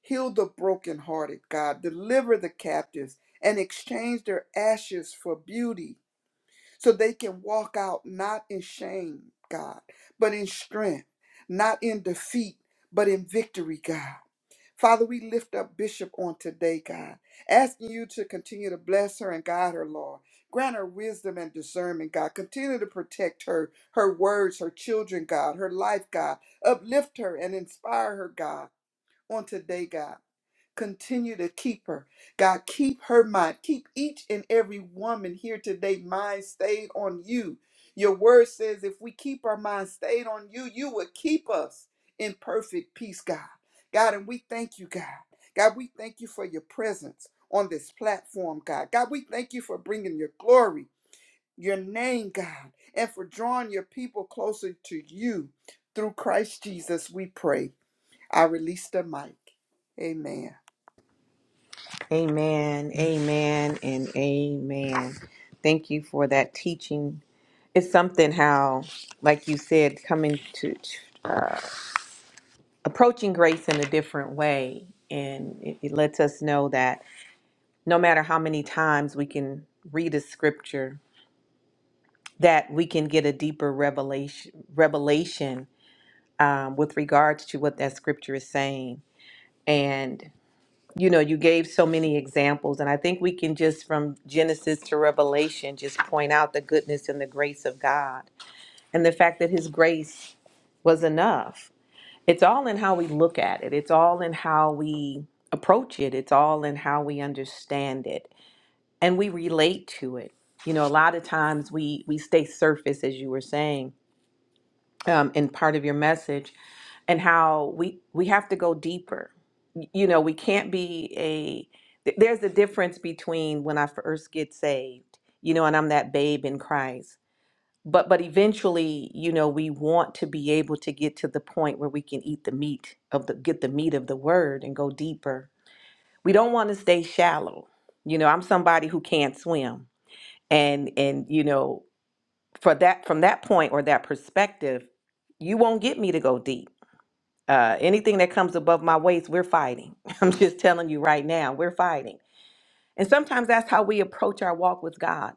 Speaker 3: Heal the brokenhearted, God. Deliver the captives and exchange their ashes for beauty so they can walk out not in shame, God, but in strength, not in defeat, but in victory, God. Father, we lift up Bishop on today, God, asking you to continue to bless her and guide her, Lord. Grant her wisdom and discernment, God. Continue to protect her, her words, her children, God, her life, God. Uplift her and inspire her, God, on today, God. Continue to keep her. God, keep her mind. Keep each and every woman here today mind stayed on you. Your word says if we keep our mind stayed on you, you will keep us in perfect peace, God. God, and we thank you, God. God, we thank you for your presence on this platform, God. God, we thank you for bringing your glory, your name, God, and for drawing your people closer to you. Through Christ Jesus, we pray. I release the mic. Amen.
Speaker 1: Amen, amen, and amen. Thank you for that teaching. It's something how, like you said, coming to approaching grace in a different way. And it, it lets us know that no matter how many times we can read a scripture, that we can get a deeper revelation revelation um, with regards to what that scripture is saying. And you know, you gave so many examples, and I think we can just from Genesis to Revelation just point out the goodness and the grace of God and the fact that His grace was enough. It's all in how we look at it, it's all in how we approach it, it's all in how we understand it and we relate to it. You know, a lot of times we, we stay surface, as you were saying um, in part of your message, and how we, we have to go deeper you know, we can't be a. th- There's a difference between when I first get saved, you know, and I'm that babe in Christ. But but eventually, you know, we want to be able to get to the point where we can eat the meat of the get the meat of the word and go deeper. We don't want to stay shallow. You know, I'm somebody who can't swim. And and you know, for that from that point or that perspective, you won't get me to go deep uh, anything that comes above my waist, we're fighting. I'm just telling you right now, we're fighting. And sometimes that's how we approach our walk with God.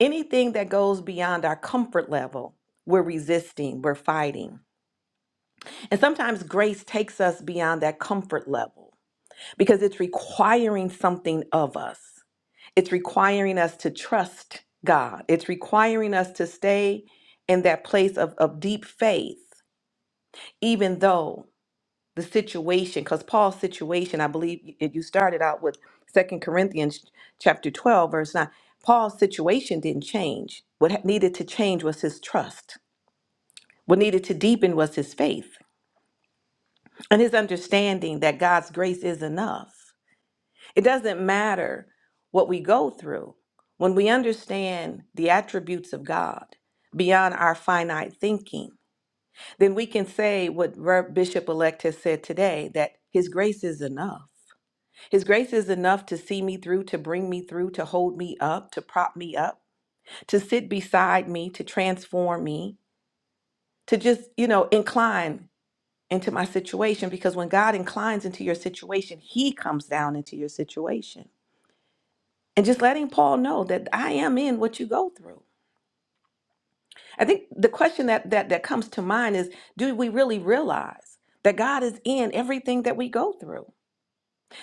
Speaker 1: Anything that goes beyond our comfort level, we're resisting, we're fighting. And sometimes grace takes us beyond that comfort level because it's requiring something of us. It's requiring us to trust God, it's requiring us to stay in that place of, of deep faith, even though. the situation because paul's situation i believe y- you started out with second corinthians chapter 12 verse 9 paul's situation didn't change what ha- needed to change was his trust what needed to deepen was his faith and his understanding that god's grace is enough it doesn't matter what we go through when we understand the attributes of god beyond our finite thinking then we can say what Rev. bishop-elect has said today that his grace is enough His grace is enough to see me through, to bring me through, to hold me up, to prop me up, to sit beside me, to transform me, to just, you know, incline into my situation. Because when God inclines into your situation, He comes down into your situation. And just letting Paul know that I am in what you go through. I think the question that that, that comes to mind is do we really realize that God is in everything that we go through?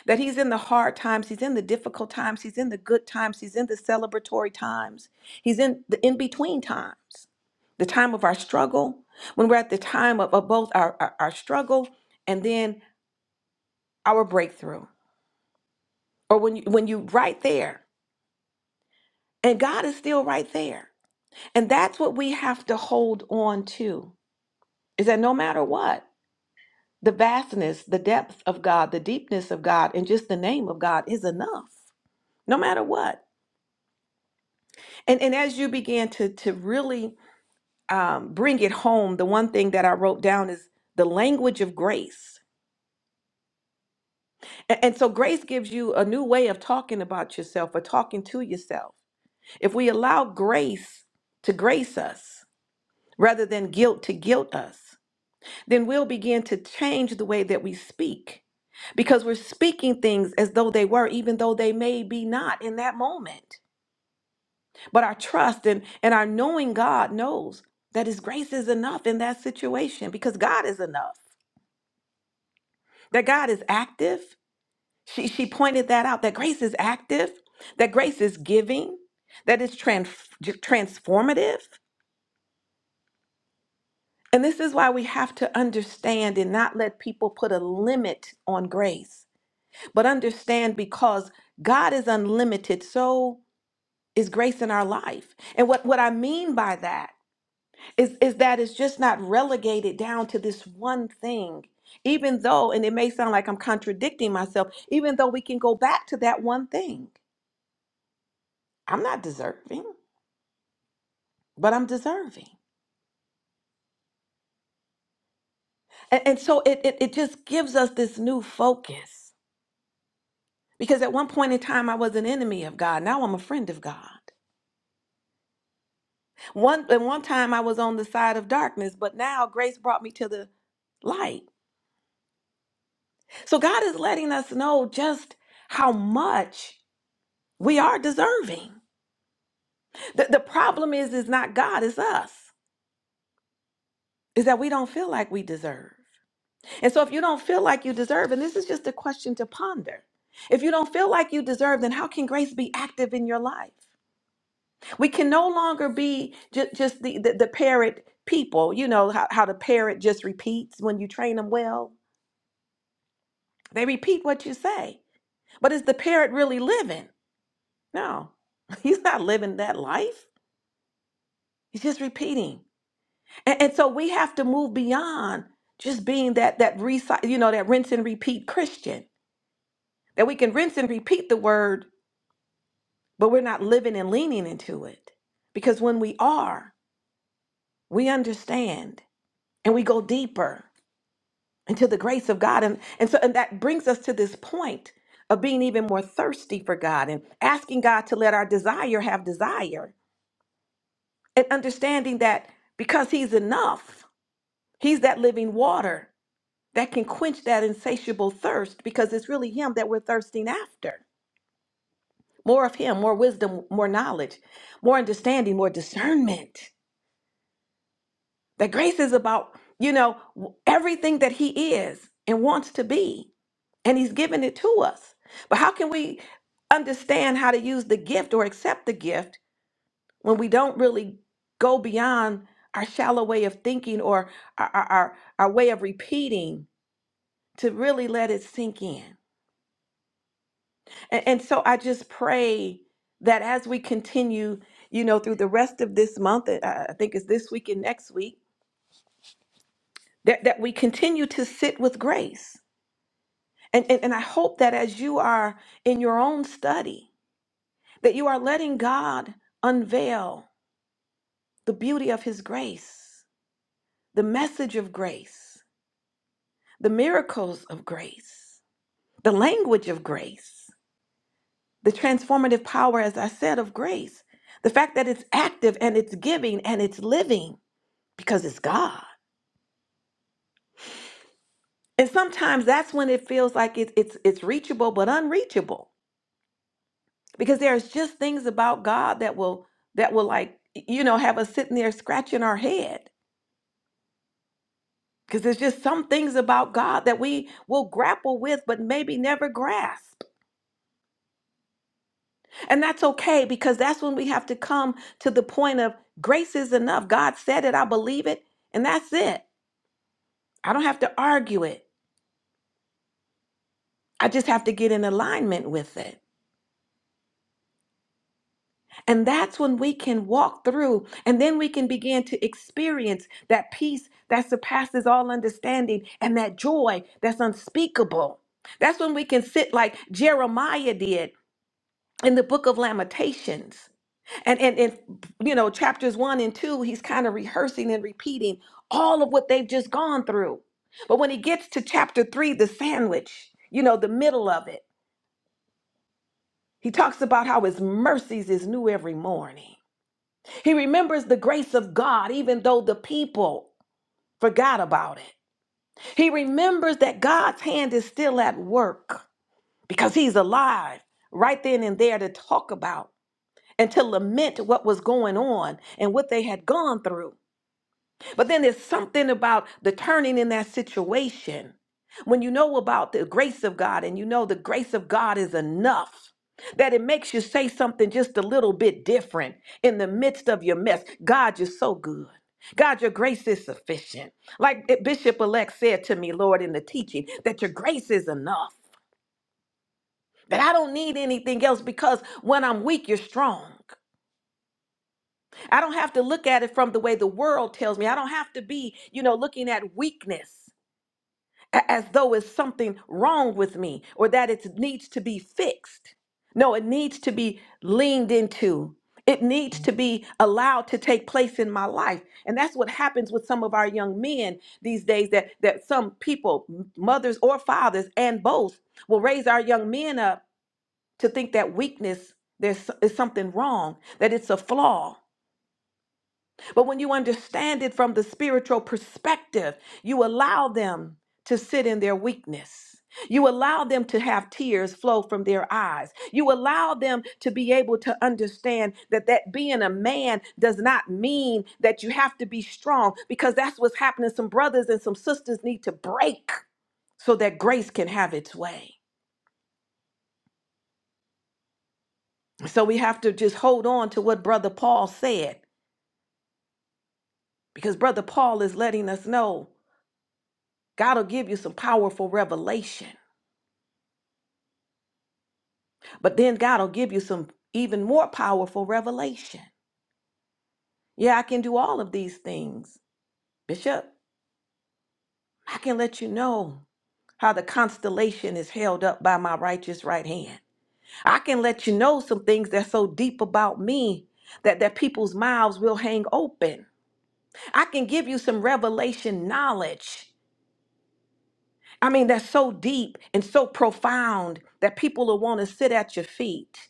Speaker 1: that he's in the hard times, he's in the difficult times, he's in the good times, he's in the celebratory times, he's in the in between times, the time of our struggle, when we're at the time of, of both our, our, our struggle and then our breakthrough, or when you, when you right there, and God is still right there. And that's what we have to hold on to is that no matter what, the vastness, the depth of God, the deepness of God, and just the name of God is enough, no matter what. And and as you began to to really um, bring it home, the one thing that I wrote down is the language of grace. And, and so grace gives you a new way of talking about yourself or talking to yourself. If we allow grace to grace us rather than guilt to guilt us, then we'll begin to change the way that we speak because we're speaking things as though they were, even though they may be not in that moment. But our trust and, and our knowing God knows that His grace is enough in that situation because God is enough, that God is active. She, she pointed that out that grace is active, that grace is giving, that it's trans, transformative. And this is why we have to understand and not let people put a limit on grace, but understand because God is unlimited, so is grace in our life. And what, what I mean by that is, is that it's just not relegated down to this one thing. Even though, and it may sound like I'm contradicting myself, even though we can go back to that one thing. I'm not deserving, but I'm deserving. And, and so it, it, it just gives us this new focus. Because at one point in time, I was an enemy of God. Now I'm a friend of God. One, at one time, I was on the side of darkness, but now grace brought me to the light. So God is letting us know just how much we are deserving. The, the problem is, is not God, it's us. Is that we don't feel like we deserve. And so if you don't feel like you deserve, and this is just a question to ponder. If you don't feel like you deserve, then how can grace be active in your life? We can no longer be ju- just the, the, the parrot people. You know how, how the parrot just repeats when you train them well. They repeat what you say. But is the parrot really living? No, he's not living that life. He's just repeating. And, and so we have to move beyond just being that that recycle, you know, that rinse and repeat Christian. That we can rinse and repeat the word, but we're not living and leaning into it. Because when we are, we understand and we go deeper into the grace of God. And and so and that brings us to this point of being even more thirsty for God and asking God to let our desire have desire and understanding that because He's enough, He's that living water that can quench that insatiable thirst because it's really Him that we're thirsting after. More of Him, more wisdom, more knowledge, more understanding, more discernment. That grace is about, you know, w- everything that He is and wants to be, and He's given it to us. But how can we understand how to use the gift or accept the gift when we don't really go beyond our shallow way of thinking or our, our, our our way of repeating to really let it sink in? And, and so I just pray that as we continue, you know, through the rest of this month, uh, I think it's this week and next week, that, that we continue to sit with grace. And, and, and I hope that as you are in your own study, that you are letting God unveil the beauty of His grace, the message of grace, the miracles of grace, the language of grace. the transformative power, as I said, of grace. The fact that it's active and it's giving and it's living because it's God. And sometimes that's when it feels like it's it's it's reachable but unreachable because there's just things about God that will that will like you know have us sitting there scratching our head because there's just some things about God that we will grapple with but maybe never grasp. And that's okay because that's when we have to come to the point of grace is enough. God said it, I believe it, and that's it. I don't have to argue it. I just have to get in alignment with it. And that's when we can walk through and then we can begin to experience that peace that surpasses all understanding and that joy that's unspeakable. That's when we can sit like Jeremiah did in the book of Lamentations. And and in you know chapters 1 and 2 he's kind of rehearsing and repeating all of what they've just gone through. But when he gets to chapter 3 the sandwich, you know, the middle of it He talks about how his mercies is new every morning. He remembers the grace of God, even though the people forgot about it. He remembers that God's hand is still at work because he's alive right then and there to talk about and to lament what was going on and what they had gone through. But then there's something about the turning in that situation. When you know about the grace of God and you know the grace of God is enough, that it makes you say something just a little bit different in the midst of your mess. God, you're so good. God, your grace is sufficient. Like Bishop elect said to me, Lord, in the teaching, that your grace is enough, that I don't need anything else because when I'm weak, you're strong. I don't have to look at it from the way the world tells me. I don't have to be, you know, looking at weakness. a- as though it's something wrong with me or that it needs to be fixed. No, it needs to be leaned into. It needs to be allowed to take place in my life. And that's what happens with some of our young men these days that that some people, m- mothers or fathers and both, will raise our young men up to think that weakness there's so, is something wrong, that it's a flaw but when you understand it from the spiritual perspective, you allow them to sit in their weakness. You allow them to have tears flow from their eyes. You allow them to be able to understand that that being a man does not mean that you have to be strong because that's what's happening some brothers and some sisters need to break so that grace can have its way. So we have to just hold on to what brother Paul said because brother Paul is letting us know God will give you some powerful revelation, but then God will give you some even more powerful revelation. Yeah, I can do all of these things. Bishop, I can let you know how the constellation is held up by my righteous right hand. I can let you know some things that's so deep about me that, that people's mouths will hang open. I can give you some revelation knowledge. I mean, that's so deep and so profound that people will want to sit at your feet.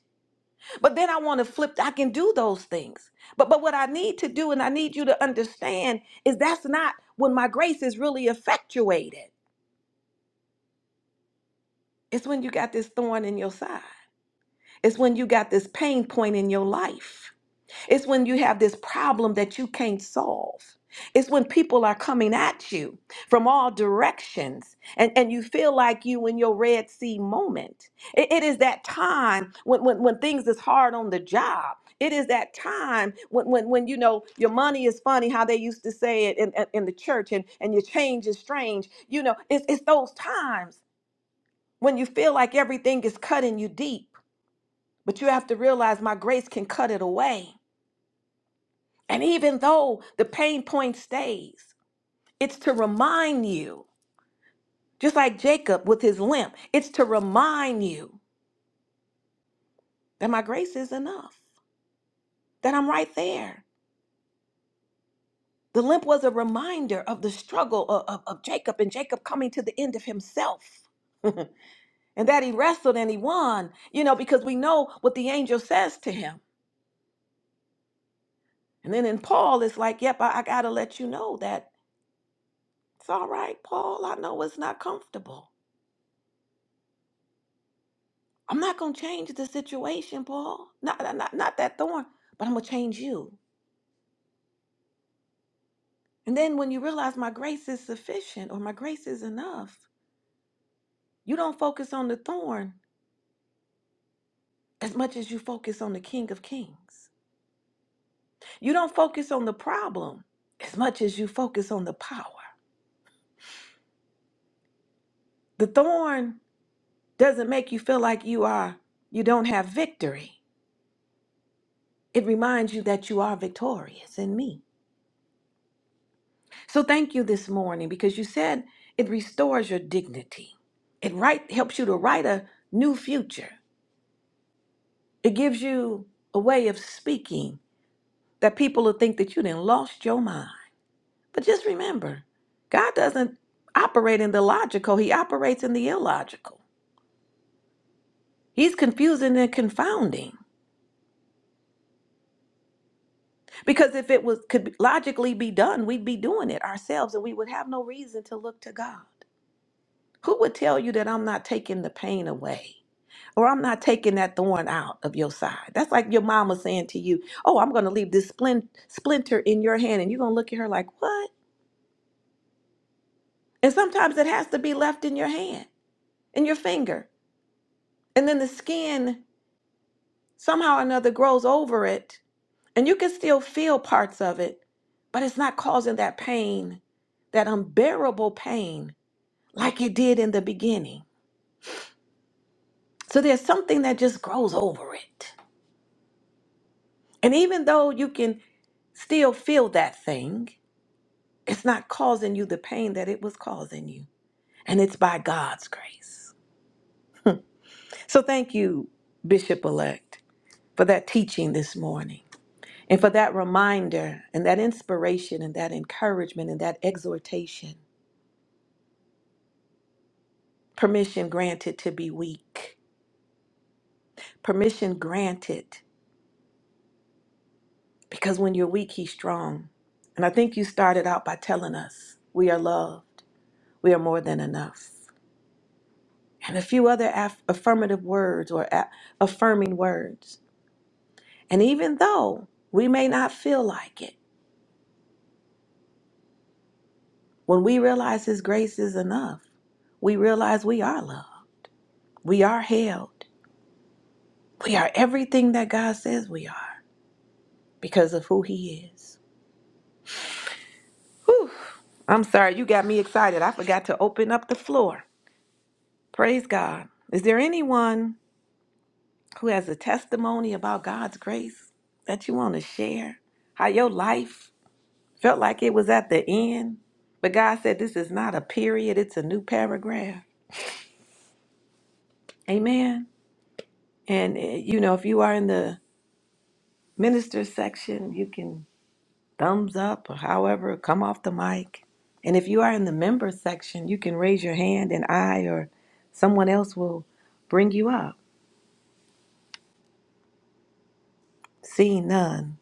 Speaker 1: But then I want to flip. I can do those things. But but what I need to do, and I need you to understand, is that's not when my grace is really effectuated. It's when you got this thorn in your side. It's when you got this pain point in your life. It's when you have this problem that you can't solve. It's when people are coming at you from all directions and, and you feel like you in your Red Sea moment. It, it is that time when, when, when things is hard on the job. It is that time when, when, when you know your money is funny, how they used to say it in, in, in the church, and, and your change is strange. You know, it's, it's those times when you feel like everything is cutting you deep, but you have to realize my grace can cut it away. And even though the pain point stays, it's to remind you, just like Jacob with his limp, it's to remind you that my grace is enough, that I'm right there. The limp was a reminder of the struggle of, of, of Jacob and Jacob coming to the end of himself. and that he wrestled and he won, you know, because we know what the angel says to him. And then in Paul, it's like, yep, I, I got to let you know that it's all right, Paul. I know it's not comfortable. I'm not going to change the situation, Paul. Not, not, not not that thorn, but I'm going to change you. And then when you realize my grace is sufficient or my grace is enough, you don't focus on the thorn as much as you focus on the King of Kings. You don't focus on the problem as much as you focus on the power. The thorn doesn't make you feel like you are, you don't have victory. It reminds you that you are victorious in me. So thank you this morning because you said it restores your dignity. It right helps you to write a new future. It gives you a way of speaking that people will think that you didn't lost your mind. But just remember, God doesn't operate in the logical, he operates in the illogical. He's confusing and confounding. Because if it was could logically be done, we'd be doing it ourselves and we would have no reason to look to God. Who would tell you that I'm not taking the pain away? or I'm not taking that thorn out of your side. That's like your mama saying to you, Oh, I'm going to leave this splin- splinter in your hand. And you're going to look at her like, What? And sometimes it has to be left in your hand, in your finger. And then the skin somehow or another grows over it. And you can still feel parts of it, but it's not causing that pain, that unbearable pain, like it did in the beginning. So there's something that just grows over it. And even though you can still feel that thing, It's not causing you the pain that it was causing you. And it's by God's grace. So thank you, Bishop elect, for that teaching this morning and for that reminder and that inspiration and that encouragement and that exhortation. Permission granted to be weak. Permission granted because when you're weak, he's strong. And I think you started out by telling us we are loved, we are more than enough. And a few other aff- affirmative words or a- affirming words And even though we may not feel like it, when we realize His grace is enough, we realize we are loved, we are held, we are everything that God says we are because of who He is. Whew. I'm sorry, you got me excited. I forgot to open up the floor. Praise God. Is there anyone who has a testimony about God's grace that you want to share? How your life felt like it was at the end, but God said, This is not a period, it's a new paragraph. Amen. And, eh, you know, if you are in the minister section, you can thumbs up or however, come off the mic. And if you are in the member section, you can raise your hand and I or someone else will bring you up. Seeing none.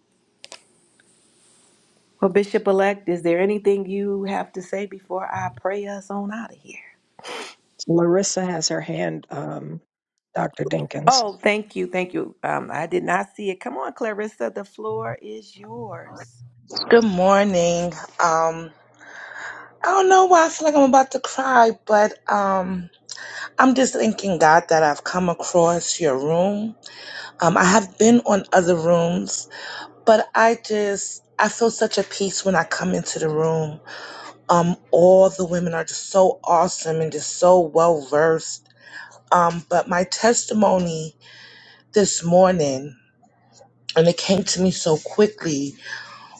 Speaker 1: Well, Bishop elect, is there anything you have to say before I pray us on out of here?
Speaker 2: Larissa has her hand, um, Dr. Dinkins.
Speaker 1: Oh, thank you. Thank you. Um, I did not see it. Come on, Clarissa. The floor is yours.
Speaker 5: Good morning. Um, I don't know why I feel like I'm about to cry, but um, I'm just thanking God that I've come across your room. Um, I have been on other rooms, but I just I feel such a peace when I come into the room. Um, all the women are just so awesome and just so well versed. Um, but my testimony this morning, and it came to me so quickly,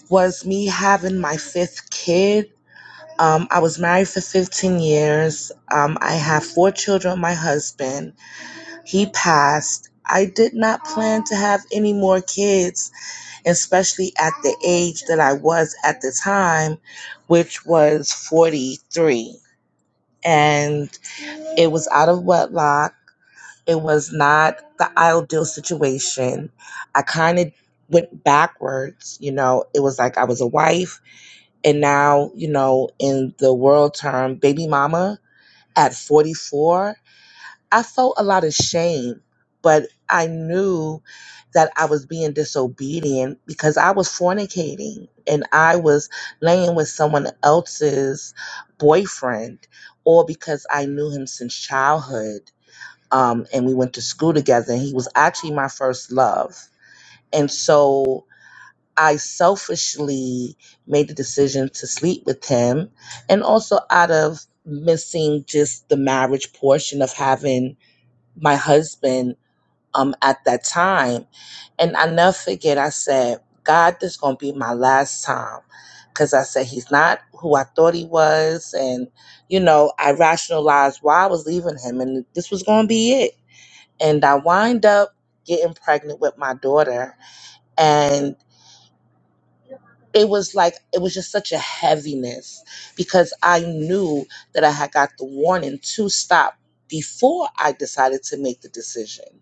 Speaker 5: was me having my fifth kid Um, I was married for 15 years. Um, I have four children with my husband. He passed. I did not plan to have any more kids, especially at the age that I was at the time, which was 43. And it was out of wedlock. It was not the ideal situation. I kind of went backwards, you know. It was like I was a wife, and now, you know, in the world term, baby mama at 44, I felt a lot of shame, but I knew that I was being disobedient because I was fornicating and I was laying with someone else's boyfriend, or because I knew him since childhood um, and we went to school together. And he was actually my first love. And so I selfishly made the decision to sleep with him. And also out of missing just the marriage portion of having my husband um at that time. And I never forget I said, God, this gonna be my last time. Cause I said he's not who I thought he was. And, you know, I rationalized why I was leaving him and this was gonna be it. And I wind up getting pregnant with my daughter. And it was like it was just such a heaviness because I knew that I had got the warning to stop before I decided to make the decision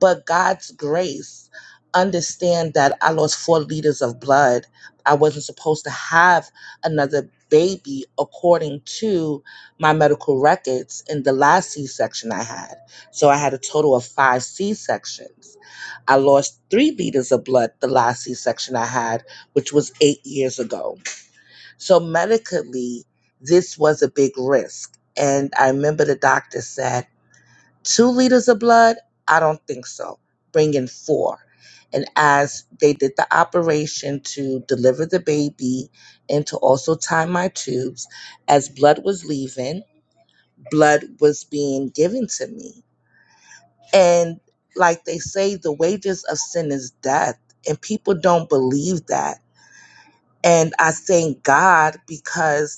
Speaker 5: but God's grace. Understand that I lost four liters of blood. I wasn't supposed to have another baby according to my medical records in the last C section I had. So I had a total of five C sections. I lost three liters of blood the last C section I had, which was eight years ago. So medically, this was a big risk. And I remember the doctor said, two liters of blood? I don't think so. Bring in four. And as they did the operation to deliver the baby and to also tie my tubes, as blood was leaving, blood was being given to me. And like they say, the wages of sin is death. And people don't believe that. And I thank God because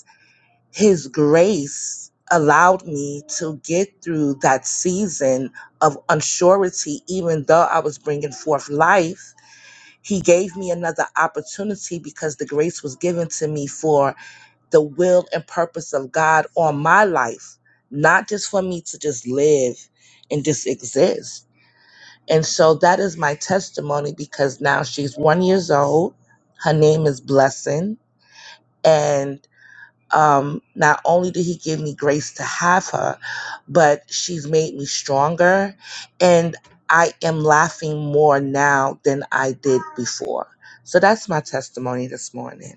Speaker 5: his grace allowed me to get through that season of unsurety, even though I was bringing forth life. He gave me another opportunity because the grace was given to me for the will and purpose of God on my life, not just for me to just live and just exist. And so that is my testimony because now she's one years old. Her name is Blessing. and um, not only did he give me grace to have her, but she's made me stronger. And I am laughing more now than I did before. So that's my testimony this morning.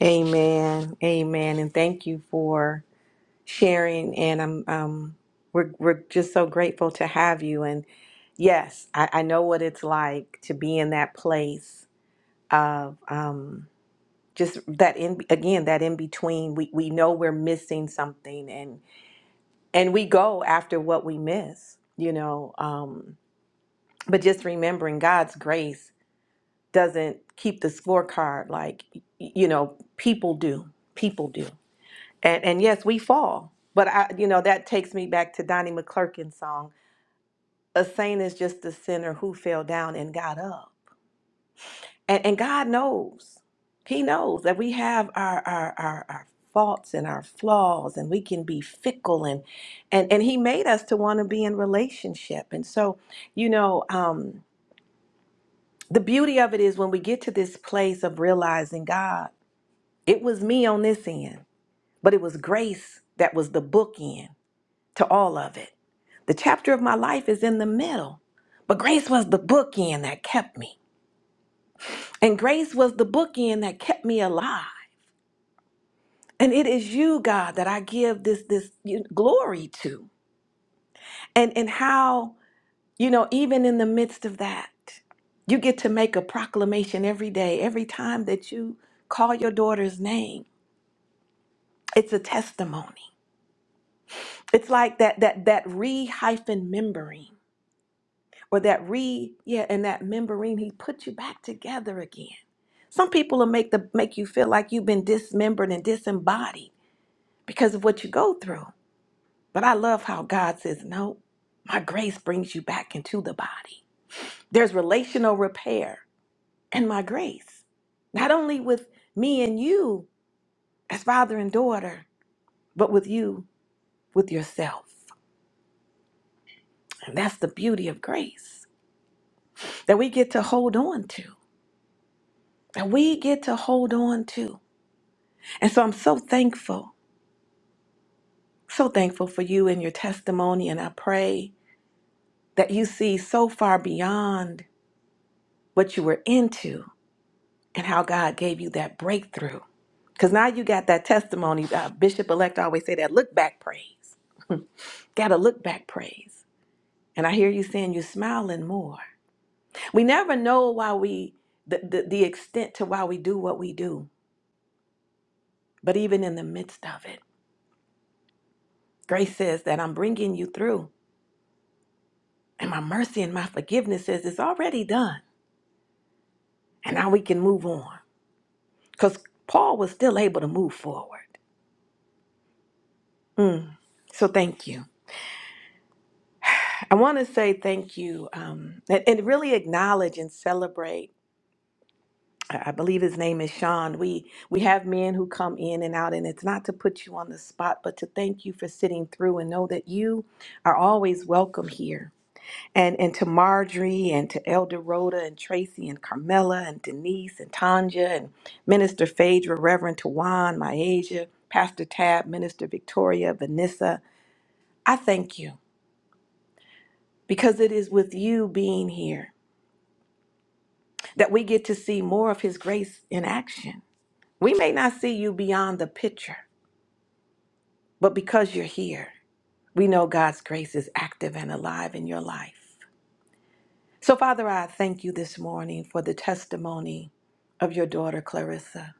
Speaker 1: Amen. Amen. And thank you for. sharing, and I'm um, we're we're just so grateful to have you. And yes, I, I know what it's like to be in that place of um, just that in again that in between. We we know we're missing something, and and we go after what we miss, you know. Um, but just remembering God's grace doesn't keep the scorecard like y- you know people do. People do. And, and yes, we fall. But I, you know, that takes me back to Donnie McClurkin's song. A saint is just a sinner who fell down and got up. And, and God knows. He knows that we have our, our, our, our faults and our flaws and we can be fickle and, and, and he made us to want to be in relationship. And so, you know, um, the beauty of it is when we get to this place of realizing God, it was me on this end, but it was grace that was the bookend to all of it The chapter of my life is in the middle. But grace was the bookend that kept me. And grace was the bookend that kept me alive. And it is you, God, that I give this this you- glory to. And and how, you know, even in the midst of that, you get to make a proclamation every day, every time that you call your daughter's name. It's a testimony. It's like that that that re hyphen remembering. or that re yeah and that membrane he put you back together again some people will make the make you feel like you've been dismembered and disembodied because of what you go through but i love how god says no my grace brings you back into the body there's relational repair and my grace not only with me and you as father and daughter but with you with yourself and that's the beauty of grace that we get to hold on to that we get to hold on to And so I'm so thankful, so thankful for you and your testimony. And I pray that you see so far beyond what you were into and how God gave you that breakthrough. Because now you got that testimony. Uh, Bishop elect always say that look back praise. Got to look back praise. And I hear you saying you're smiling more. We never know why we, the, the, the extent to why we do what we do, but even in the midst of it, grace says that I'm bringing you through. And my mercy and my forgiveness says it's already done. And now we can move on. Because Paul was still able to move forward. Mm. So thank you. I want to say thank you um, and, and really acknowledge and celebrate. I I believe his name is Sean. We we have men who come in and out, and it's not to put you on the spot, but to thank you for sitting through and know that you are always welcome here. and, and to Marjorie and to Elder Rhoda and Tracy and Carmela and Denise and Tanja and Minister Phaedra, Reverend Tawan, Myasia, Pastor Tab, Minister Victoria, Vanessa. I thank you because it is with you being here that we get to see more of His grace in action. We may not see you beyond the picture, but because you're here, we know God's grace is active and alive in your life. So, Father, I thank you this morning for the testimony of your daughter, Clarissa.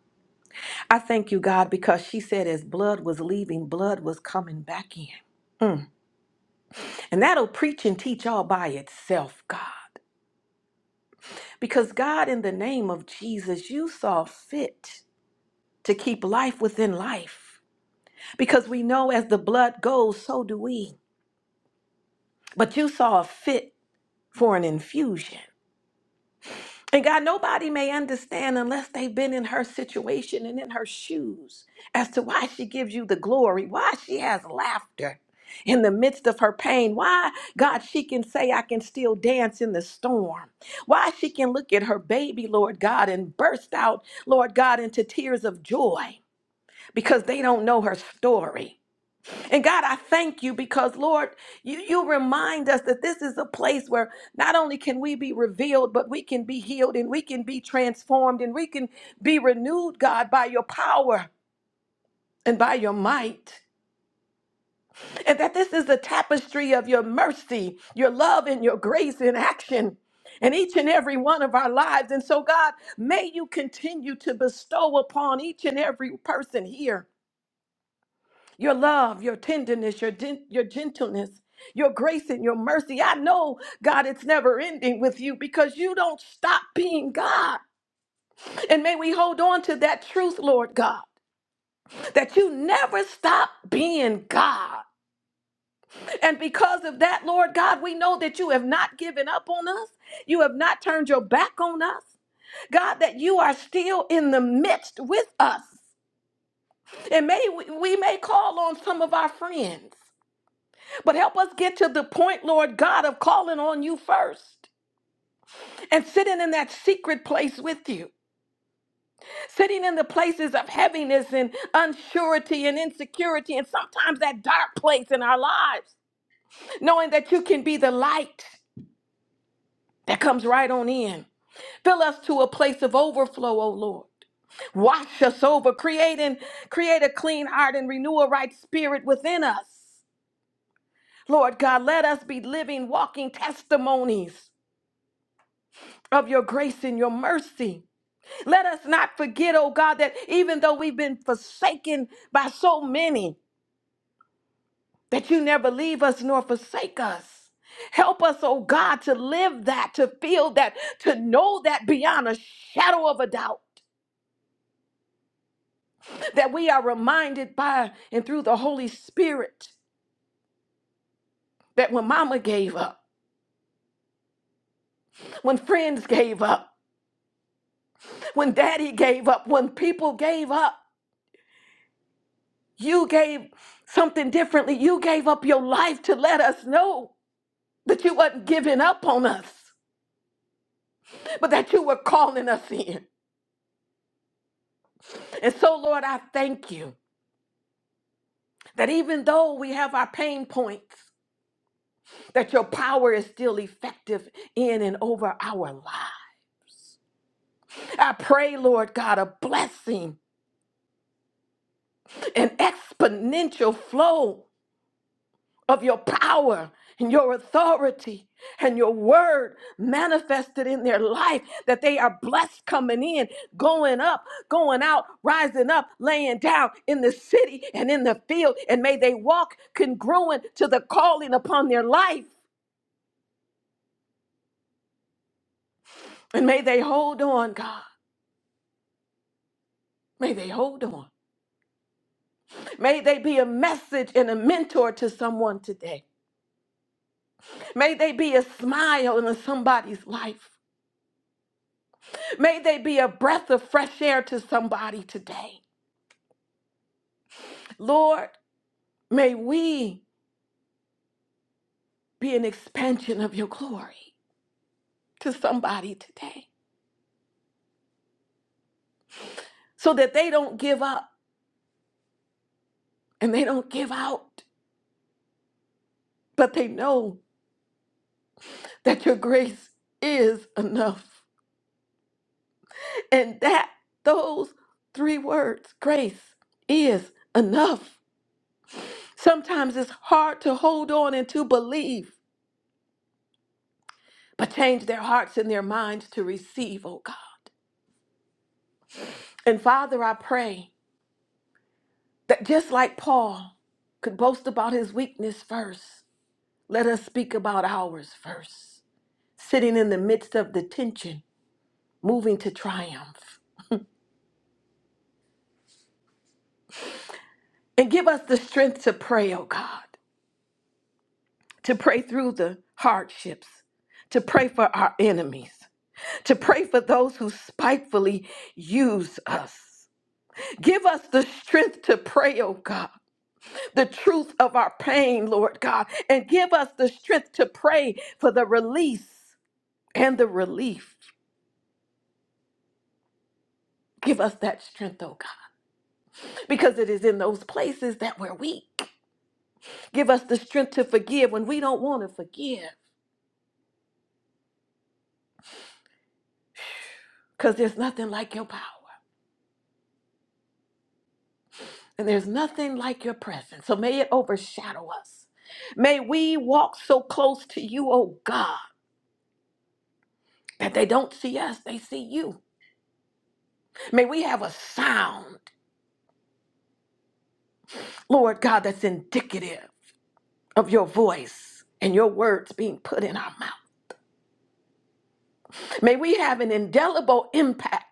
Speaker 1: I thank you, God, because she said as blood was leaving, blood was coming back in. Mm. And that'll preach and teach all by itself, God. Because, God, in the name of Jesus, you saw fit to keep life within life. Because we know as the blood goes, so do we. But you saw fit for an infusion. And God, nobody may understand unless they've been in her situation and in her shoes as to why she gives you the glory, why she has laughter in the midst of her pain, why, God, she can say, I can still dance in the storm, why she can look at her baby, Lord God, and burst out, Lord God, into tears of joy because they don't know her story. And God, I thank you because, Lord, you, you remind us that this is a place where not only can we be revealed, but we can be healed and we can be transformed and we can be renewed, God, by your power and by your might. And that this is a tapestry of your mercy, your love, and your grace in action in each and every one of our lives. And so, God, may you continue to bestow upon each and every person here your love, your tenderness, your, gen- your gentleness, your grace, and your mercy. I know, God, it's never ending with you because you don't stop being God. And may we hold on to that truth, Lord God, that you never stop being God. And because of that, Lord God, we know that you have not given up on us, you have not turned your back on us. God, that you are still in the midst with us. And may we, we may call on some of our friends. But help us get to the point, Lord God, of calling on you first and sitting in that secret place with you, sitting in the places of heaviness and unsurety and insecurity, and sometimes that dark place in our lives, knowing that you can be the light that comes right on in. Fill us to a place of overflow, O Lord. Wash us over, create and create a clean heart and renew a right spirit within us. Lord God, let us be living, walking testimonies of your grace and your mercy. Let us not forget, oh God, that even though we've been forsaken by so many, that you never leave us nor forsake us. Help us, oh God, to live that, to feel that, to know that beyond a shadow of a doubt, that we are reminded by and through the Holy Spirit that when mama gave up, when friends gave up, when daddy gave up, when people gave up, You gave something differently. You gave up your life to let us know that you wasn't giving up on us, but that you were calling us in. And so, Lord, I thank you that even though we have our pain points, that your power is still effective in and over our lives. I pray, Lord God, a blessing, an exponential flow of your power and your authority and your word manifested in their life that they are blessed coming in, going up, going out, rising up, laying down in the city and in the field. And may they walk congruent to the calling upon their life. And may they hold on, God. May they hold on. May they be a message and a mentor to someone today. May they be a smile in somebody's life. May they be a breath of fresh air to somebody today. Lord, may we be an expansion of your glory to somebody today so that they don't give up and they don't give out, but they know that your grace is enough. And that those three words, grace is enough. Sometimes it's hard to hold on and to believe, but change their hearts and their minds to receive, oh God. And Father, I pray. That just like Paul could boast about his weakness first, let us speak about ours first. Sitting in the midst of the tension, moving to triumph. And give us the strength to pray, oh God, to pray through the hardships, to pray for our enemies, to pray for those who spitefully use us. Give us the strength to pray, oh God, the truth of our pain, Lord God, and give us the strength to pray for the release. and the relief. Give us that strength, oh God, because it is in those places that we're weak. Give us the strength to forgive when we don't want to forgive, because there's nothing like your power and there's nothing like your presence. So may it overshadow us. May we walk so close to you, oh God, that they don't see us, they see you. May we have a sound, Lord God, that's indicative of your voice and your words being put in our mouth. May we have an indelible impact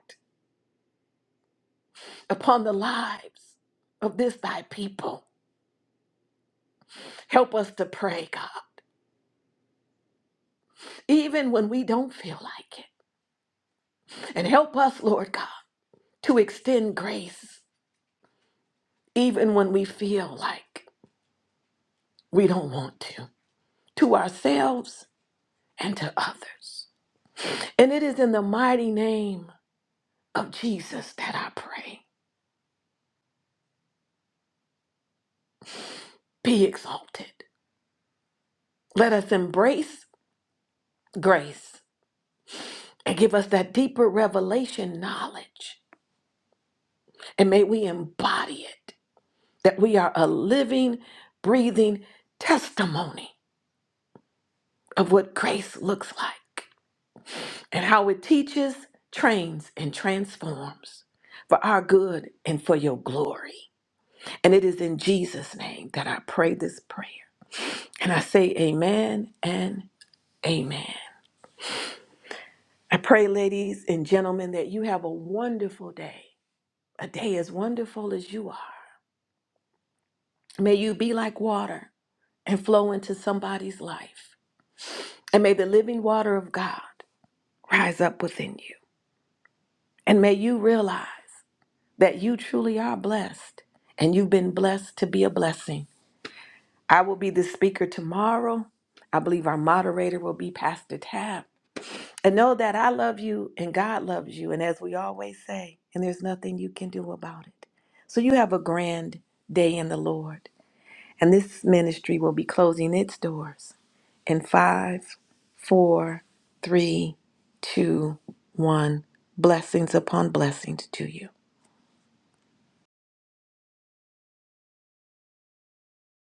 Speaker 1: upon the lives of this thy people. Help us to pray, God, even when we don't feel like it. And help us, Lord God, to extend grace even when we feel like we don't want to, to ourselves and to others. And it is in the mighty name of Jesus that I pray. Be exalted. Let us embrace grace and give us that deeper revelation knowledge. And may we embody it that we are a living, breathing testimony of what grace looks like and how it teaches, trains, and transforms for our good and for your glory. And it is in Jesus' name that I pray this prayer. And I say amen and amen. I pray, ladies and gentlemen, that you have a wonderful day, a day as wonderful as you are. May you be like water and flow into somebody's life. And may the living water of God rise up within you. And may you realize that you truly are blessed and you've been blessed to be a blessing. I will be the speaker tomorrow. I believe our moderator will be Pastor Tab. And know that I love you and God loves you. And as we always say, and there's nothing you can do about it. So you have a grand day in the Lord. And this ministry will be closing its doors in five, four, three, two, one. Blessings upon blessings to you.